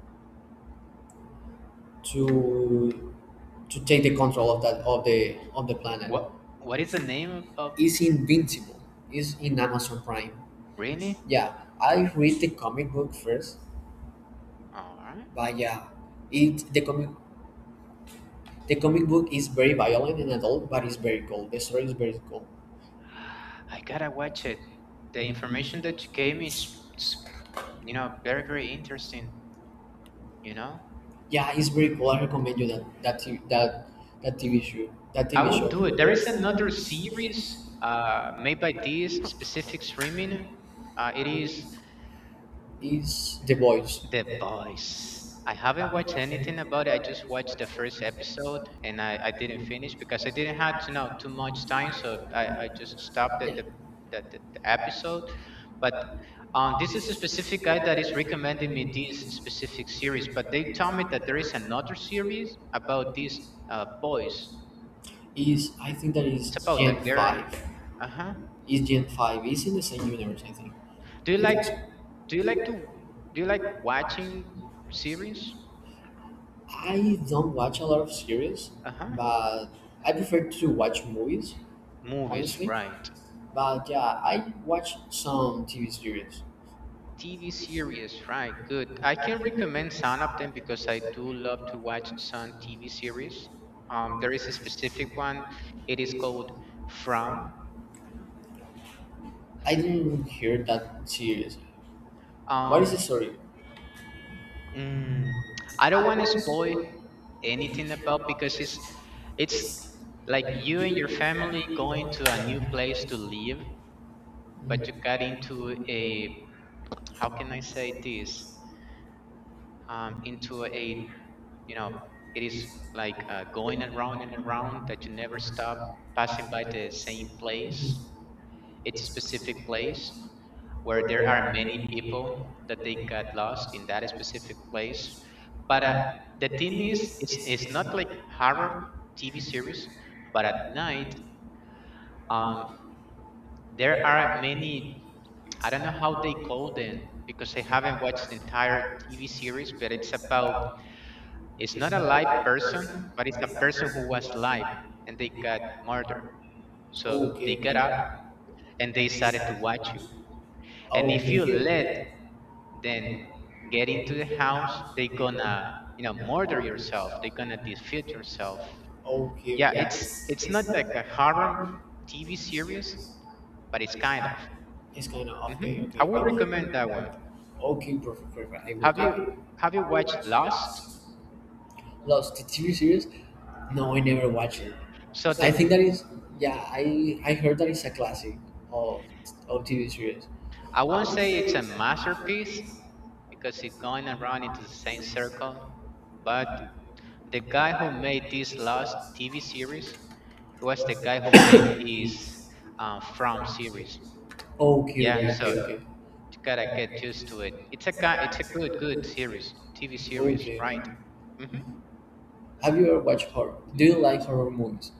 [SPEAKER 2] to take the control of that of the planet.
[SPEAKER 1] What What is the name of,
[SPEAKER 2] Is invincible. Is in Amazon Prime.
[SPEAKER 1] really?
[SPEAKER 2] Yeah, I read the comic book first.
[SPEAKER 1] All right.
[SPEAKER 2] But yeah, it the comic, the comic book is very violent and adult, but it's very cool. The story is very cool.
[SPEAKER 1] I gotta watch it. The information that you gave me, it's very very interesting. You know,
[SPEAKER 2] Yeah, it's very cool. I recommend you that TV, that TV show. That T
[SPEAKER 1] I
[SPEAKER 2] V TV
[SPEAKER 1] would do it. There is
[SPEAKER 2] show.
[SPEAKER 1] another series made by this specific streaming. It is
[SPEAKER 2] It's The Boys.
[SPEAKER 1] The Boys. I haven't watched anything about it. I just watched the first episode and I didn't finish because I didn't have to know too much time, so I just stopped
[SPEAKER 2] Yeah,
[SPEAKER 1] at
[SPEAKER 2] it.
[SPEAKER 1] the episode. But this is a specific guy that is recommending me this specific series. But they told me that there is another series about these boys.
[SPEAKER 2] Is I think that is
[SPEAKER 1] It's about a
[SPEAKER 2] Gen
[SPEAKER 1] girl.
[SPEAKER 2] Five.
[SPEAKER 1] Uh huh.
[SPEAKER 2] Is Gen Five is in the same universe, I think.
[SPEAKER 1] Do you like
[SPEAKER 2] Netflix.
[SPEAKER 1] do you like to do you like watching series?
[SPEAKER 2] I don't watch a lot of series,
[SPEAKER 1] Uh huh.
[SPEAKER 2] but I prefer to watch movies,
[SPEAKER 1] Movies,
[SPEAKER 2] honestly.
[SPEAKER 1] right?
[SPEAKER 2] But yeah, I watch some TV series.
[SPEAKER 1] TV series, right? Good. I can recommend some of them because I do love to watch some TV series. There is a specific one. It is called From.
[SPEAKER 2] I didn't hear that series. What
[SPEAKER 1] Um,
[SPEAKER 2] is the story?
[SPEAKER 1] mm, I don't want to spoil anything about, because it's like you and your family going to a new place to live,
[SPEAKER 2] Mm.
[SPEAKER 1] but you got into a, how can I say this? Into a, you know it is like, going around and around that you never stop passing by the same place. It's a specific place where there are many people that they got lost in that specific place. But the thing is, it's not like horror TV series, but at night, um, there are many, I don't know how they call them because I haven't watched the entire TV series, but it's about. It's not a live person, but it's a person who was live and they got murdered. So
[SPEAKER 2] Okay,
[SPEAKER 1] they got
[SPEAKER 2] okay.
[SPEAKER 1] up and they started to watch you. And
[SPEAKER 2] Oh,
[SPEAKER 1] if you let
[SPEAKER 2] okay.
[SPEAKER 1] them get into the house, they gonna murder yourself. They gonna defeat yourself.
[SPEAKER 2] Okay,
[SPEAKER 1] Yeah,
[SPEAKER 2] okay.
[SPEAKER 1] it's not like a horror TV series, but it's kind of.
[SPEAKER 2] It's kind of
[SPEAKER 1] Hmm.
[SPEAKER 2] okay,
[SPEAKER 1] I
[SPEAKER 2] okay,
[SPEAKER 1] would recommend that
[SPEAKER 2] okay.
[SPEAKER 1] one.
[SPEAKER 2] Okay, perfect, perfect. I will
[SPEAKER 1] Have you
[SPEAKER 2] take it.
[SPEAKER 1] have you watched Lost?
[SPEAKER 2] Lost the TV series? No, I never watched it.
[SPEAKER 1] So
[SPEAKER 2] I
[SPEAKER 1] the
[SPEAKER 2] think that is yeah. I heard that it's a classic of TV series.
[SPEAKER 1] I won't say it's a masterpiece because it's going around into the same circle, but the guy who made this last TV series was the guy who made this From series.
[SPEAKER 2] Okay,
[SPEAKER 1] Yeah,
[SPEAKER 2] okay,
[SPEAKER 1] so
[SPEAKER 2] okay, okay, you
[SPEAKER 1] you gotta get used to it. It's a guy. It's a good, good series, TV series,
[SPEAKER 2] okay,
[SPEAKER 1] right?
[SPEAKER 2] okay.
[SPEAKER 1] Hmm.
[SPEAKER 2] Have you ever watched horror? Do you like horror movies?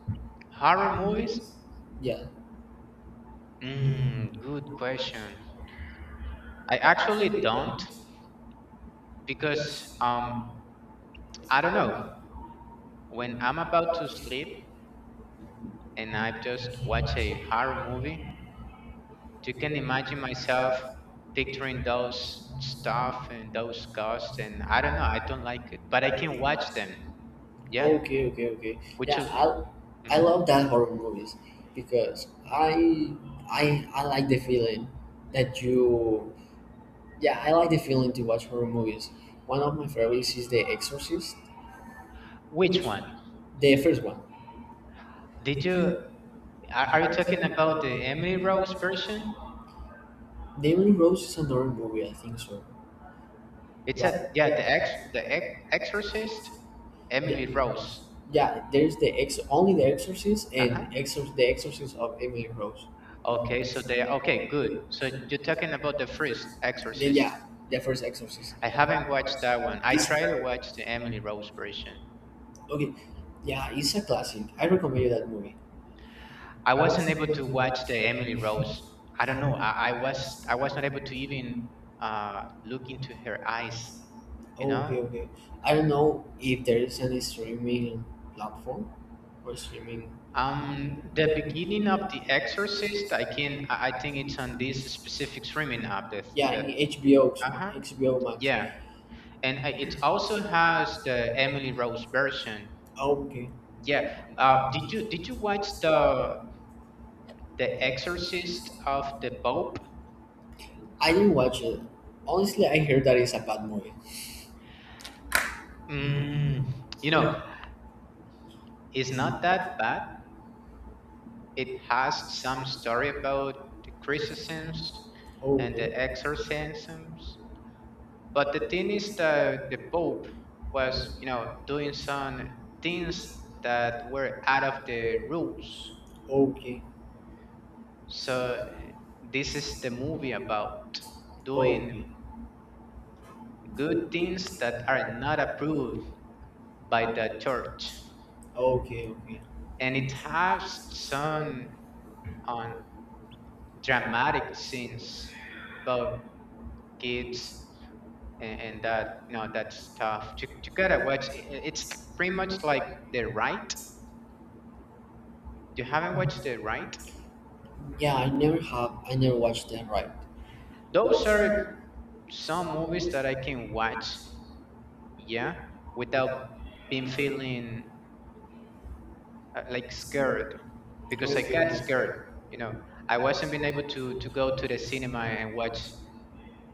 [SPEAKER 1] Horror movies?
[SPEAKER 2] Yeah.
[SPEAKER 1] Mm, good question. I actually don't because um I don't know. When I'm about to sleep and I just watch a horror movie, you can imagine myself picturing those stuff and those ghosts. And I don't know, I don't like it, but I can watch them. Yeah.
[SPEAKER 2] Okay, okay, okay.
[SPEAKER 1] Which
[SPEAKER 2] Yeah,
[SPEAKER 1] you.
[SPEAKER 2] I
[SPEAKER 1] Mhm.
[SPEAKER 2] love that horror movies because I I like the feeling that you. Yeah, I like the feeling to watch horror movies. One of my favorites is The Exorcist,
[SPEAKER 1] Which one,
[SPEAKER 2] the first one.
[SPEAKER 1] did you are you talking about the Emily Rose version?
[SPEAKER 2] The Emily Rose is another movie, I think so.
[SPEAKER 1] It's a.
[SPEAKER 2] But
[SPEAKER 1] Yeah. The exorcist, Emily Rose.
[SPEAKER 2] yeah, there's the ex only The Exorcist and
[SPEAKER 1] Uh-huh.
[SPEAKER 2] The Exorcist of Emily Rose.
[SPEAKER 1] Okay, so they. Okay. Good, so you're talking about the first
[SPEAKER 2] Then
[SPEAKER 1] Exorcist.
[SPEAKER 2] yeah, the first Exorcist.
[SPEAKER 1] I haven't watched that one. I
[SPEAKER 2] It's
[SPEAKER 1] tried to watch the Emily Rose version.
[SPEAKER 2] okay. Yeah, it's a classic. I recommend you that movie.
[SPEAKER 1] I wasn't able to watch the Emily Rose. I don't know. I was not able to even look into her eyes. You
[SPEAKER 2] Oh,
[SPEAKER 1] know,
[SPEAKER 2] okay, okay. I don't know if there is any streaming platform or streaming?
[SPEAKER 1] um, the beginning of The Exorcist. I can. I think it's on this specific streaming app.
[SPEAKER 2] Yeah,
[SPEAKER 1] The
[SPEAKER 2] in HBO,
[SPEAKER 1] uh huh
[SPEAKER 2] HBO Max.
[SPEAKER 1] Yeah, and it also has the Emily Rose version.
[SPEAKER 2] Oh, okay.
[SPEAKER 1] Yeah. Did you watch The Exorcist of the Pope?
[SPEAKER 2] I didn't watch it. Honestly, I heard that it's a bad movie.
[SPEAKER 1] Mm, you know, it's not that bad. It has some story about the exorcisms
[SPEAKER 2] Oh,
[SPEAKER 1] and the
[SPEAKER 2] okay.
[SPEAKER 1] exorcisms. But the thing is that the Pope was, doing some things that were out of the rules.
[SPEAKER 2] Okay.
[SPEAKER 1] So this is the movie about doing good things that are not approved by the church. And it has some on dramatic scenes about kids, and that, that's tough. You gotta watch. It's pretty much like The Right. You haven't watched The Right.
[SPEAKER 2] Yeah, I never have. I never watched that. Right.
[SPEAKER 1] Those are some movies that I can watch, yeah, without being feeling like scared, because I got scared, you know. I wasn't being able to go to the cinema and watch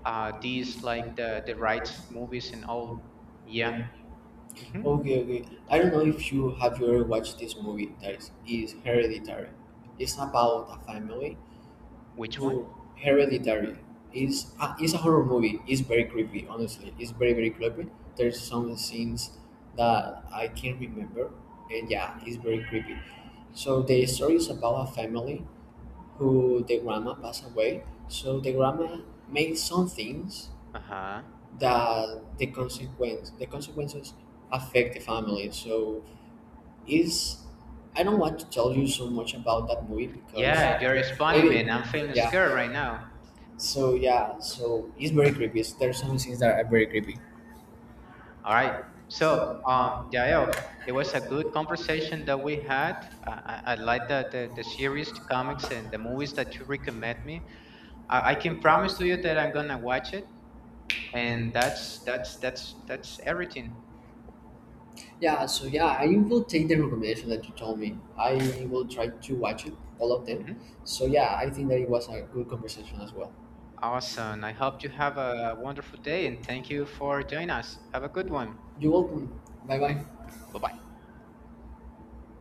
[SPEAKER 1] these, like, The Right movies and all, yeah. Hmm.
[SPEAKER 2] Okay, okay. I don't know if you have, you ever watched this movie that is Hereditary. It's about a family
[SPEAKER 1] Which one?
[SPEAKER 2] who. Hereditary is a horror movie. It's very creepy, honestly. It's very very creepy. There's some scenes that I can't remember, and yeah, it's very creepy. So the story is about a family who the grandma passed away. So the grandma made some things
[SPEAKER 1] Uh-huh.
[SPEAKER 2] that the consequences affect the family. So is I don't want to tell you so much about that movie because
[SPEAKER 1] Yeah, you're spoiling me and
[SPEAKER 2] maybe
[SPEAKER 1] I'm feeling scared right
[SPEAKER 2] yeah.
[SPEAKER 1] now.
[SPEAKER 2] So yeah, so it's very creepy. So there are some things that are very creepy.
[SPEAKER 1] All right. So, Jael, it was a good conversation that we had. I like the series, the comics, and the movies that you recommend me. I can promise to you that I'm gonna watch it, and that's everything.
[SPEAKER 2] Yeah, so yeah, I will take the recommendation that you told me. I will try to watch it, all of them.
[SPEAKER 1] Mhm.
[SPEAKER 2] So yeah, I think that it was a good conversation as well.
[SPEAKER 1] Awesome. I hope you have a wonderful day, and thank you for joining us. Have a good one.
[SPEAKER 2] You welcome. Bye bye.
[SPEAKER 1] Bye bye.